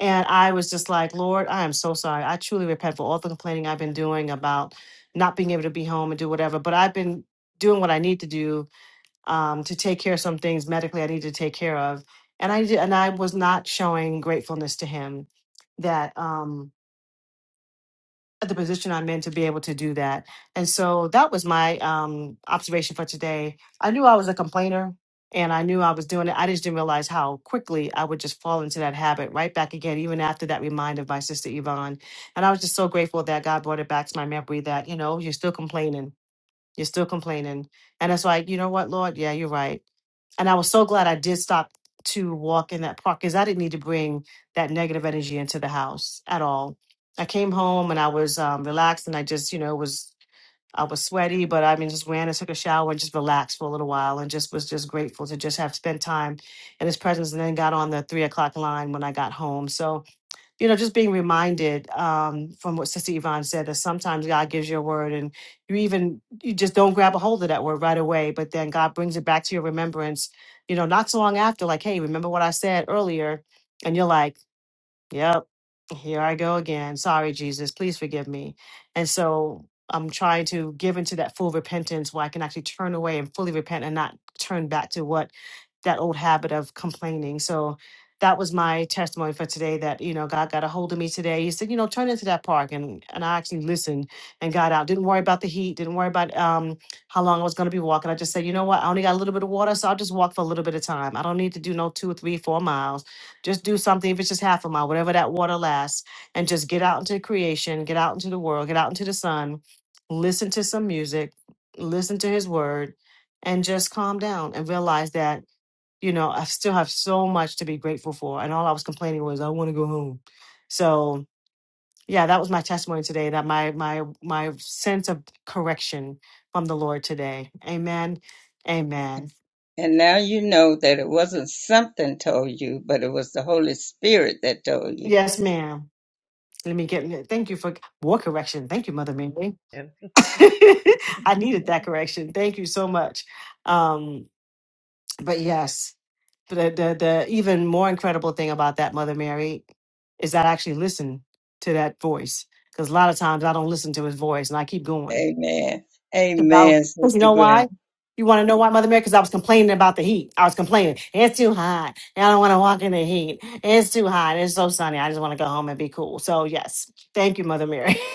Speaker 1: And I was just like, Lord, I am so sorry. I truly repent for all the complaining I've been doing about not being able to be home and do whatever. But I've been doing what I need to do um, to take care of some things medically I needed to take care of, and I did, and I was not showing gratefulness to him that um, at the position I'm in to be able to do that. And so that was my um, observation for today. I knew I was a complainer. And I knew I was doing it. I just didn't realize how quickly I would just fall into that habit right back again, even after that reminder of my sister Yvonne. And I was just so grateful that God brought it back to my memory that, you know, you're still complaining. You're still complaining. And it's like, you know what, Lord? Yeah, you're right and I was so glad I did stop to walk in that park because I didn't need to bring that negative energy into the house at all. I came home and I was um, relaxed and I just, you know, was I was sweaty, but I mean, just ran and took a shower and just relaxed for a little while and just was just grateful to just have spent time in his presence. And then got on the three o'clock line when I got home. So you know, just being reminded um, from what Sister Yvonne said that sometimes God gives you a word and you even, you just don't grab a hold of that word right away, but then God brings it back to your remembrance, you know, not so long after, like, hey, remember what I said earlier? And you're like, Yep. Here I go again. Sorry, Jesus. Please forgive me. And so I'm trying to give into that full repentance where I can actually turn away and fully repent and not turn back to what that old habit of complaining. So that was my testimony for today that, you know, God got a hold of me today. He said, you know, turn into that park. And, and I actually listened and got out. Didn't worry about the heat. Didn't worry about um, how long I was going to be walking. I just said, you know what? I only got a little bit of water. So I'll just walk for a little bit of time. I don't need to do no two or three, four miles. Just do something, if it's just half a mile, whatever that water lasts, and just get out into creation, get out into the world, get out into the sun, listen to some music, listen to his word, and just calm down and realize that, you know, I still have so much to be grateful for. And all I was complaining was, I want to go home. So, yeah, that was my testimony today that my my my sense of correction from the Lord today. Amen. Amen.
Speaker 4: And now you know that it wasn't something told you, but it was the Holy Spirit that told you.
Speaker 1: Yes, ma'am. Let me get thank you for war correction. Thank you, Mother Mary.
Speaker 8: And,
Speaker 1: I needed that correction. Thank you so much. Um, but yes, the, the the even more incredible thing about that Mother Mary is that I actually listen to that voice because a lot of times I don't listen to his voice and I keep going.
Speaker 4: Amen.
Speaker 1: Because
Speaker 4: Amen,
Speaker 1: you
Speaker 4: Sister
Speaker 1: know why?
Speaker 4: Gwen.
Speaker 1: You want to know why, Mother Mary? Because I was complaining about the heat. I was complaining. It's too hot. And I don't want to walk in the heat. It's too hot. It's so sunny. I just want to go home and be cool. So, yes. Thank you, Mother Mary.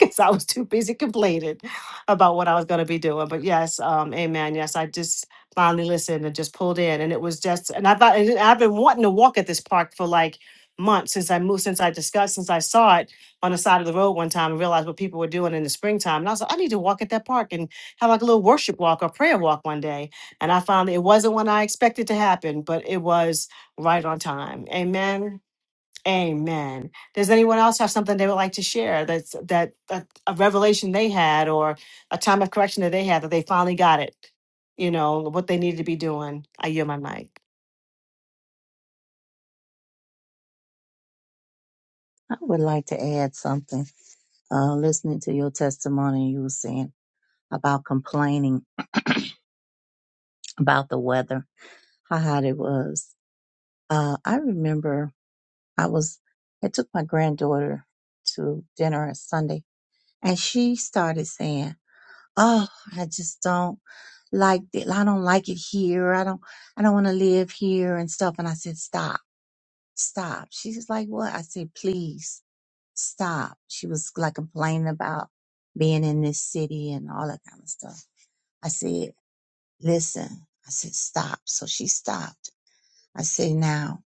Speaker 1: Because I was too busy complaining about what I was going to be doing. But yes, um, amen. Yes, I just finally listened and just pulled in. And it was just, and I thought, and I've been wanting to walk at this park for like months since I moved, since I discussed, since I saw it on the side of the road one time and realized what people were doing in the springtime. And I was like, I need to walk at that park and have like a little worship walk or prayer walk one day. And I found that it wasn't when I expected to happen, but it was right on time. Amen. Amen. Does anyone else have something they would like to share that's that, that a revelation they had or a time of correction that they had that they finally got it? You know, what they needed to be doing. I yield my mic.
Speaker 6: I would like to add something. Uh, listening to your testimony, you were saying about complaining about the weather, how hot it was. Uh, I remember I was, I took my granddaughter to dinner on Sunday and she started saying, Oh, I just don't like it. I don't like it here. I don't, I don't want to live here and stuff. And I said, stop, stop. She's like, what? I said, please stop. She was like complaining about being in this city and all that kind of stuff. I said, listen, I said, stop. So she stopped. I said, now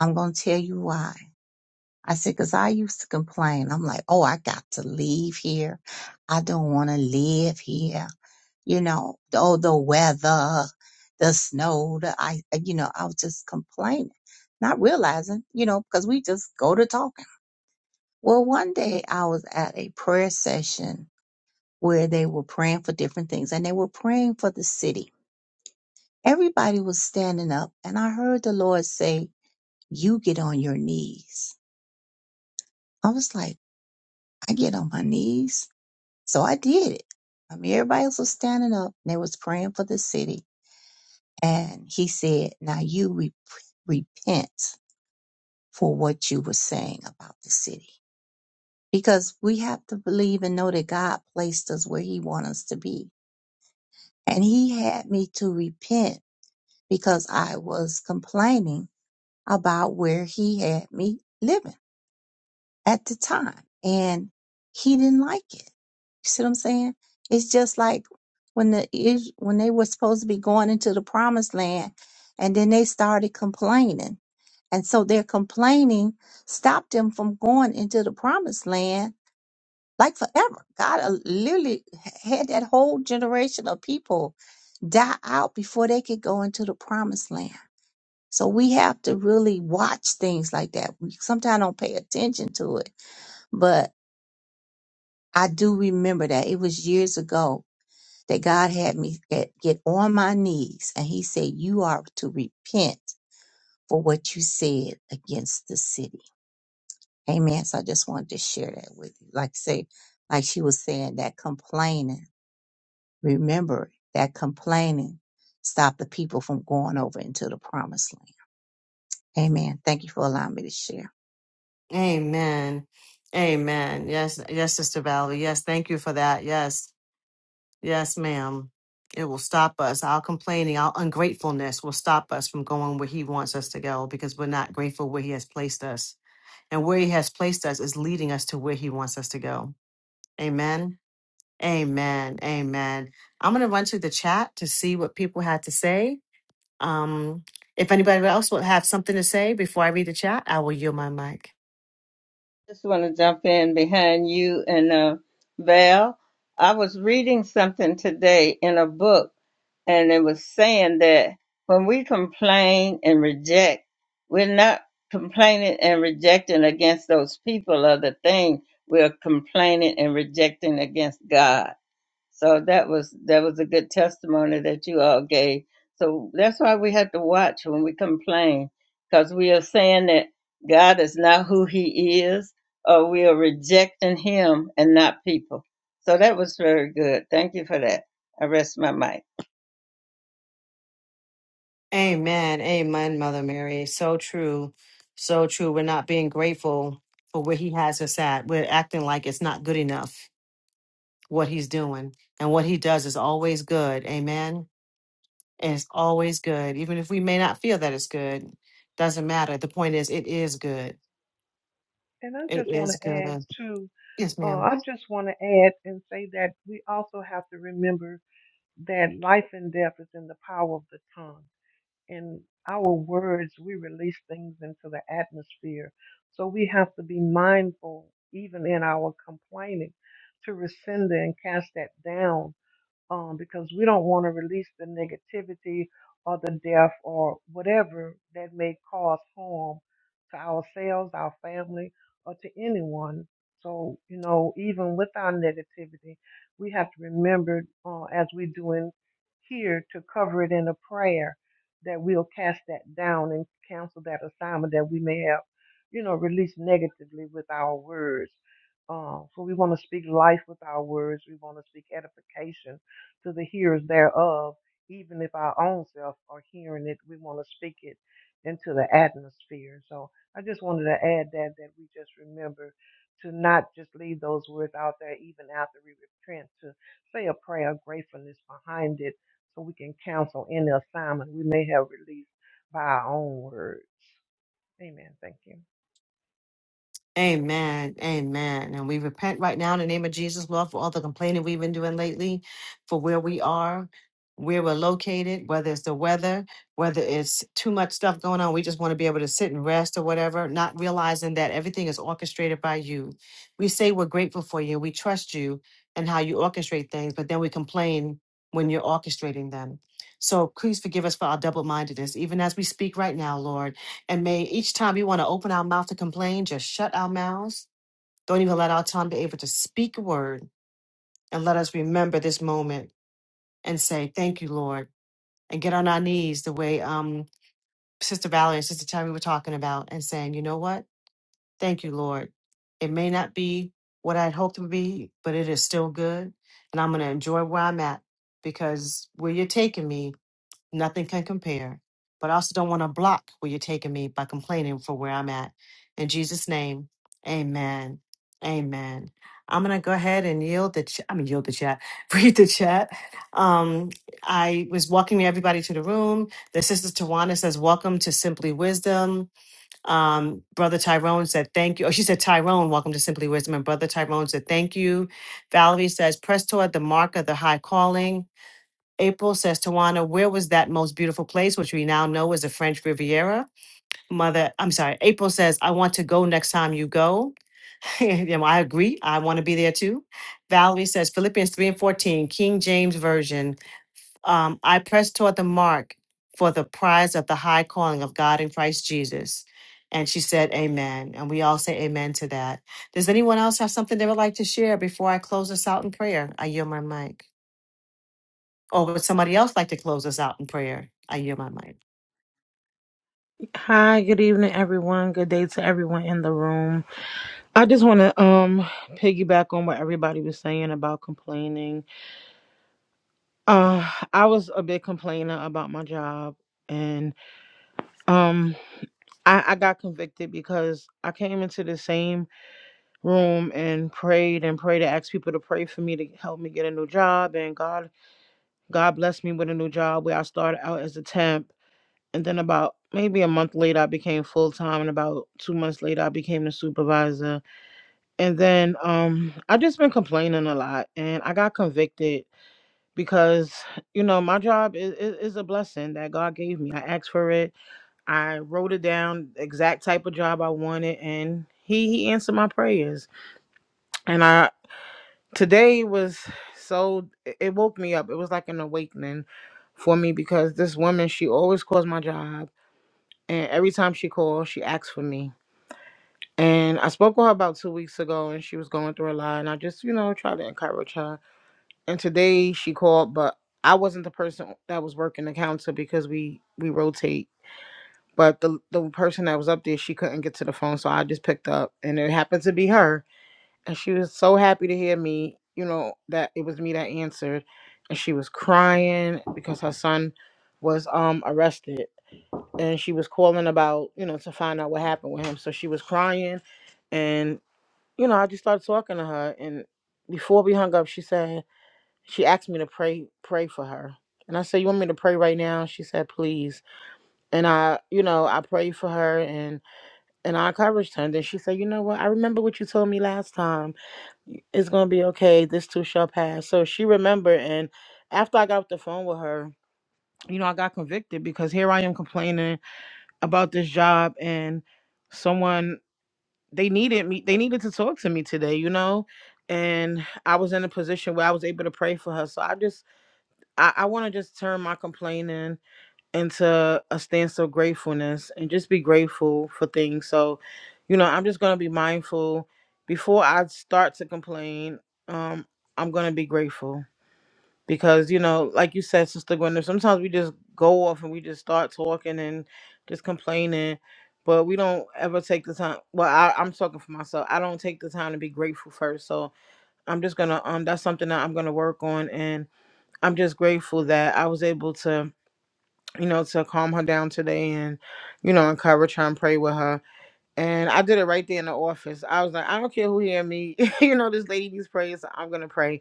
Speaker 6: I'm going to tell you why. I said, because I used to complain. I'm like, oh, I got to leave here. I don't want to live here. You know, oh, the weather, the snow, the ice. You know, I was just complaining, not realizing, you know, because we just go to talking. Well, one day I was at a prayer session where they were praying for different things and they were praying for the city. Everybody was standing up and I heard the Lord say, you get on your knees. I was like, I get on my knees. So I did it. I mean, everybody else was standing up and they was praying for the city. And he said, now you re- repent for what you were saying about the city. Because we have to believe and know that God placed us where he wants us to be. And he had me to repent because I was complaining about where he had me living. at the time and he didn't like it. You see what I'm saying? It's just like when the Is- when they were supposed to be going into the promised land and then they started complaining. And so their complaining stopped them from going into the promised land like forever. God uh, literally had that whole generation of people die out before they could go into the promised land. So we have to really watch things like that. We sometimes don't pay attention to it, but I do remember that. It was years ago that God had me get, get on my knees and he said, you are to repent for what you said against the city. Amen. So I just wanted to share that with you. Like say, like she was saying that complaining, remember that complaining stopped the people from going over into the promised land. Amen. Thank you for allowing me to share.
Speaker 1: Amen. Amen. Yes, yes, Sister Valerie. Yes, thank you for that. Yes Yes, ma'am. It will stop us. Our complaining, our ungratefulness will stop us from going where He wants us to go because we're not grateful where He has placed us. And where He has placed us is leading us to where He wants us to go. Amen. Amen. Amen. I'm going to run to the chat to see what people had to say. Um, if anybody else would have something to say before I read the chat, I will yield my mic.
Speaker 4: Just want to jump in behind you and uh, Val. I was reading something today in a book and it was saying that when we complain and reject, we're not complaining and rejecting against those people or the thing. We're complaining and rejecting against God. So that was that was a good testimony that you all gave. So that's why we have to watch when we complain, because we are saying that God is not who He is, or we are rejecting Him and not people. So that was very good. Thank you for that. I rest my mic.
Speaker 1: Amen. Amen, Mother Mary. So true. So true. We're not being grateful for where He has us at. We're acting like it's not good enough what He's doing. And what He does is always good. Amen. And it's always good. Even if we may not feel that it's good, doesn't matter. The point is, it is good.
Speaker 8: and I
Speaker 1: It
Speaker 8: just want
Speaker 1: is
Speaker 8: to add
Speaker 1: good.
Speaker 8: too,
Speaker 1: Yes,
Speaker 8: uh,
Speaker 1: ma'am.
Speaker 8: I just want to add and say that we also have to remember that life and death is in the power of the tongue. in our words, we release things into the atmosphere. So we have to be mindful, even in our complaining, to rescind and cast that down um, because we don't want to release the negativity or the death or whatever that may cause harm to ourselves, our family, or to anyone. So, you know, even with our negativity, we have to remember, uh, as we do in here, to cover it in a prayer that we'll cast that down and cancel that assignment that we may have, you know, released negatively with our words. Uh, so we want to speak life with our words. We want to speak edification to the hearers thereof, even if our own self are hearing it, we want to speak it into the atmosphere. So I just wanted to add that that we just remember to not just leave those words out there even after we repent, to say a prayer of gratefulness behind it so we can counsel any assignment we may have released by our own words. Amen. Thank you.
Speaker 1: Amen. Amen. And we repent right now in the name of Jesus, Lord, for all the complaining we've been doing lately, for where we are, where we're located, whether it's the weather, whether it's too much stuff going on. We just want to be able to sit and rest or whatever, not realizing that everything is orchestrated by you. We say we're grateful for you, we trust you and how you orchestrate things, but then we complain when you're orchestrating them. So please forgive us for our double mindedness, even as we speak right now, Lord. And may each time we want to open our mouth to complain, just shut our mouths. Don't even let our tongue be able to speak a word. And let us remember this moment and say, Thank you, Lord. And get on our knees the way um, Sister Valerie and Sister Tammy were talking about and saying, You know what? Thank you, Lord. It may not be what I'd hoped it would be, but it is still good. And I'm going to enjoy where I'm at because where you're taking me Nothing can compare. But I also don't want to block where you're taking me by complaining for where I'm at. In Jesus' name, amen. Amen. I'm gonna go ahead and yield the ch- I mean yield the chat, read the chat. Um, I was welcoming everybody to the room. The sister Tawana says, Welcome to Simply Wisdom. Um, Brother Tyrone said thank you. Oh, she said Tyrone, welcome to Simply Wisdom. And Brother Tyrone said thank you. Valerie says, Press toward the mark of the high calling. April says, Tawana, where was that most beautiful place, which we now know is the French Riviera? Mother, I'm sorry. April says, I want to go next time you go. You know, I agree. I want to be there too. Valerie says, Philippians 3 and 14, King James Version. Um, I press toward the mark for the prize of the high calling of God in Christ Jesus. And she said, Amen. And we all say amen to that. Does anyone else have something they would like to share before I close us out in prayer? I yield my mic. Or would somebody else like to close us out in prayer? I yield my mic.
Speaker 9: Hi, good evening, everyone. Good day to everyone in the room. I just want to um piggyback on what everybody was saying about complaining. Uh, I was a big complainer about my job, and um, I, I got convicted because I came into the same room and prayed and prayed to ask people to pray for me to help me get a new job, and God, God blessed me with a new job where I started out as a temp, and then about maybe a month later I became full time, and about two months later I became the supervisor And then um I've just been complaining a lot and I got convicted because you know my job is, is, is a blessing that God gave me. I asked for it. I wrote it down exact type of job I wanted and he he answered my prayers. And I today was so it it woke me up. It was like an awakening for me because this woman she always calls my job and every time she calls she asks for me. And I spoke with her about two weeks ago and she was going through a lot and I just, you know, tried to encourage her and today she called, but I wasn't the person that was working the counter because we we rotate. But the the person that was up there, she couldn't get to the phone, so I just picked up, and it happened to be her, and she was so happy to hear me, you know, that it was me that answered, and she was crying because her son was um arrested, and she was calling about you know to find out what happened with him, so she was crying, and you know I just started talking to her, and before we hung up, she said she asked me to pray pray for her and i said you want me to pray right now she said please and i you know i prayed for her and and i encouraged her and then she said you know what i remember what you told me last time it's gonna be okay this too shall pass so she remembered and after i got off the phone with her you know i got convicted because here i am complaining about this job and someone they needed me they needed to talk to me today you know and i was in a position where i was able to pray for her so i just I, I want to just turn my complaining into a stance of gratefulness and just be grateful for things. So, you know, I'm just going to be mindful. Before I start to complain, um, I'm going to be grateful because, you know, like you said, Sister Gwenda, sometimes we just go off and we just start talking and just complaining, but we don't ever take the time. Well, I, I'm talking for myself. I don't take the time to be grateful first. So I'm just going to, um, that's something that I'm going to work on. and. I'm just grateful that I was able to, you know, to calm her down today and, you know, encourage her and pray with her. And I did it right there in the office. I was like, I don't care who hear me. you know, this lady needs prayers. so I'm going to pray.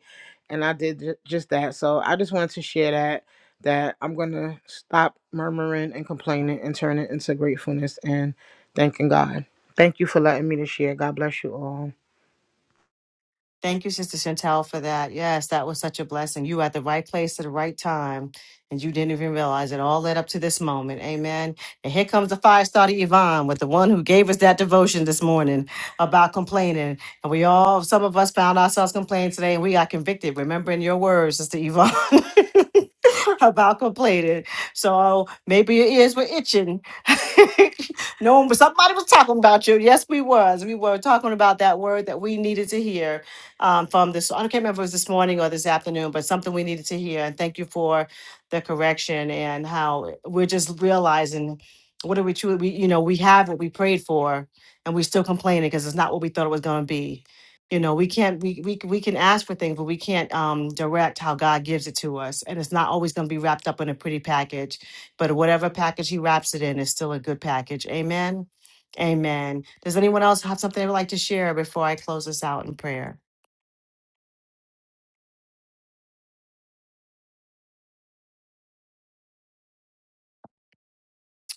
Speaker 9: And I did ju- just that. So I just wanted to share that, that I'm going to stop murmuring and complaining and turn it into gratefulness and thanking God. Thank you for letting me to share. God bless you all.
Speaker 1: Thank you, Sister Chantel, for that. Yes, that was such a blessing. You were at the right place at the right time, and you didn't even realize it all led up to this moment. Amen. And here comes the five starter Yvonne with the one who gave us that devotion this morning about complaining. And we all, some of us found ourselves complaining today, and we got convicted, remembering your words, Sister Yvonne. about complaining. So maybe your ears were itching. no one, somebody was talking about you. Yes, we was. We were talking about that word that we needed to hear um, from this, I can't remember if it was this morning or this afternoon, but something we needed to hear. And thank you for the correction and how we're just realizing what are we truly, we, you know, we have what we prayed for and we're still complaining because it's not what we thought it was going to be. You know, we can't, we, we, we can ask for things, but we can't um, direct how God gives it to us. And it's not always going to be wrapped up in a pretty package, but whatever package He wraps it in is still a good package. Amen. Amen. Does anyone else have something they would like to share before I close this out in prayer?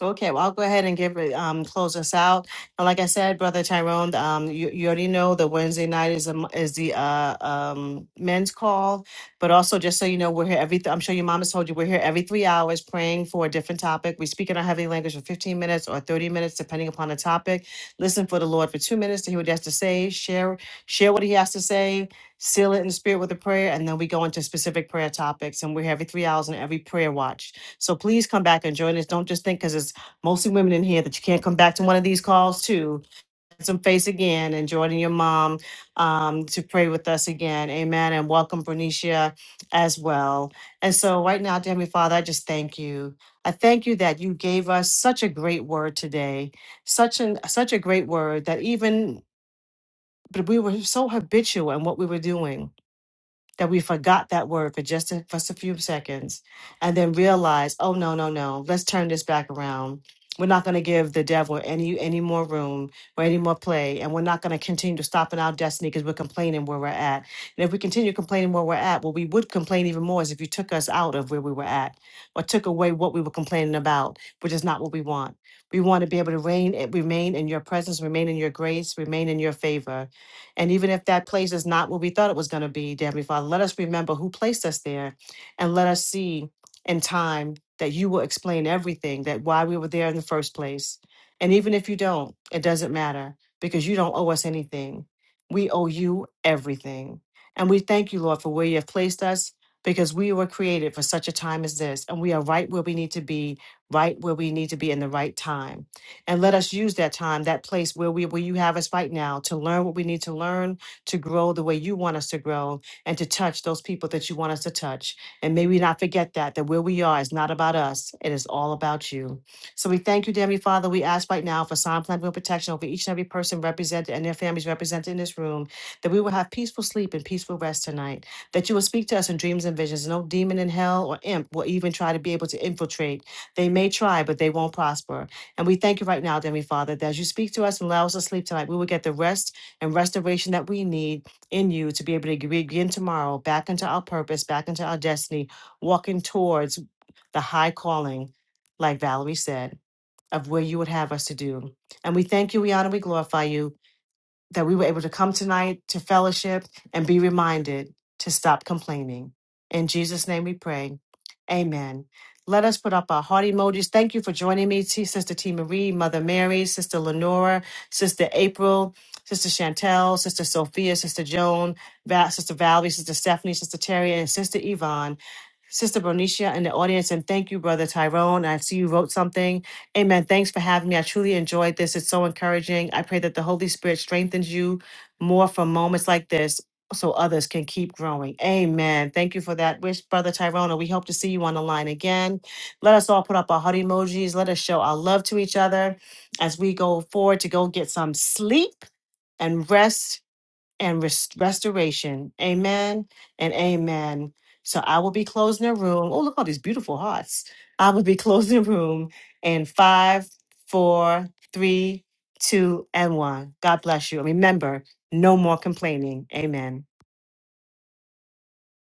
Speaker 1: Okay, well, I'll go ahead and give it, um, close us out. And like I said, Brother Tyrone, um, you, you already know that Wednesday night is, um, is the, uh, um, men's call. But also, just so you know, we're here every, th- I'm sure your mom has told you, we're here every three hours praying for a different topic. We speak in our heavenly language for fifteen minutes or thirty minutes, depending upon the topic. Listen for the Lord for two minutes to hear what he has to say, share, share what he has to say, seal it in the spirit with a prayer, and then we go into specific prayer topics. And we're here every three hours and every prayer watch. So please come back and join us. Don't just think because it's mostly women in here that you can't come back to one of these calls to some face again and joining your mom um, to pray with us again amen and welcome bernicia as well and so right now dear heavenly father i just thank you i thank you that you gave us such a great word today such an such a great word that even but we were so habitual in what we were doing that we forgot that word for just a, just a few seconds and then realized, oh no, no, no, let's turn this back around. We're not going to give the devil any any more room or any more play, and we're not going to continue to stop in our destiny because we're complaining where we're at. And if we continue complaining where we're at, what we would complain even more is if you took us out of where we were at or took away what we were complaining about, which is not what we want. We want to be able to reign, remain in your presence, remain in your grace, remain in your favor and even if that place is not what we thought it was going to be, dear Heavenly Father, let us remember who placed us there and let us see in time that you will explain everything, that why we were there in the first place. And even if you don't, it doesn't matter because you don't owe us anything. We owe you everything. And we thank you, Lord, for where you have placed us because we were created for such a time as this. And we are right where we need to be, right where we need to be in the right time. And let us use that time, that place where we where you have us right now to learn what we need to learn, to grow the way you want us to grow, and to touch those people that you want us to touch. And may we not forget that that where we are is not about us. It is all about you. So we thank you, dear Heavenly Father. We ask right now for sign plan will protection over each and every person represented and their families represented in this room, that we will have peaceful sleep and peaceful rest tonight. That you will speak to us in dreams and visions. No demon in hell or imp will even try to be able to infiltrate. They may try, but they won't prosper. And we thank you right now, dear Heavenly Father, that as you speak to us and allow us to sleep tonight, we will get the rest and restoration that we need in you to be able to begin tomorrow back into our purpose, back into our destiny, walking towards the high calling, like Valerie said, of where you would have us to do. And we thank you, we honor, we glorify you that we were able to come tonight to fellowship and be reminded to stop complaining. In Jesus' name we pray. Amen. Let us put up our heart emojis. Thank you for joining me, T- Sister T. Marie, Mother Mary, Sister Lenora, Sister April, Sister Chantel, Sister Sophia, Sister Joan, Va- Sister Valerie, Sister Stephanie, Sister Terry, and Sister Yvonne. Sister Bonicia in the audience, and thank you, Brother Tyrone. I see you wrote something. Amen. Thanks for having me. I truly enjoyed this. It's so encouraging. I pray that the Holy Spirit strengthens you more from moments like this so others can keep growing. Amen. Thank you for that wish, Brother Tyrone. and We hope to see you on the line again. Let us all put up our heart emojis. Let us show our love to each other as we go forward to go get some sleep and rest and res- restoration. Amen and amen. So I will be closing the room. Oh, look at all these beautiful hearts. I will be closing the room in five, four, three, two, and one. God bless you. And remember, no more complaining. Amen.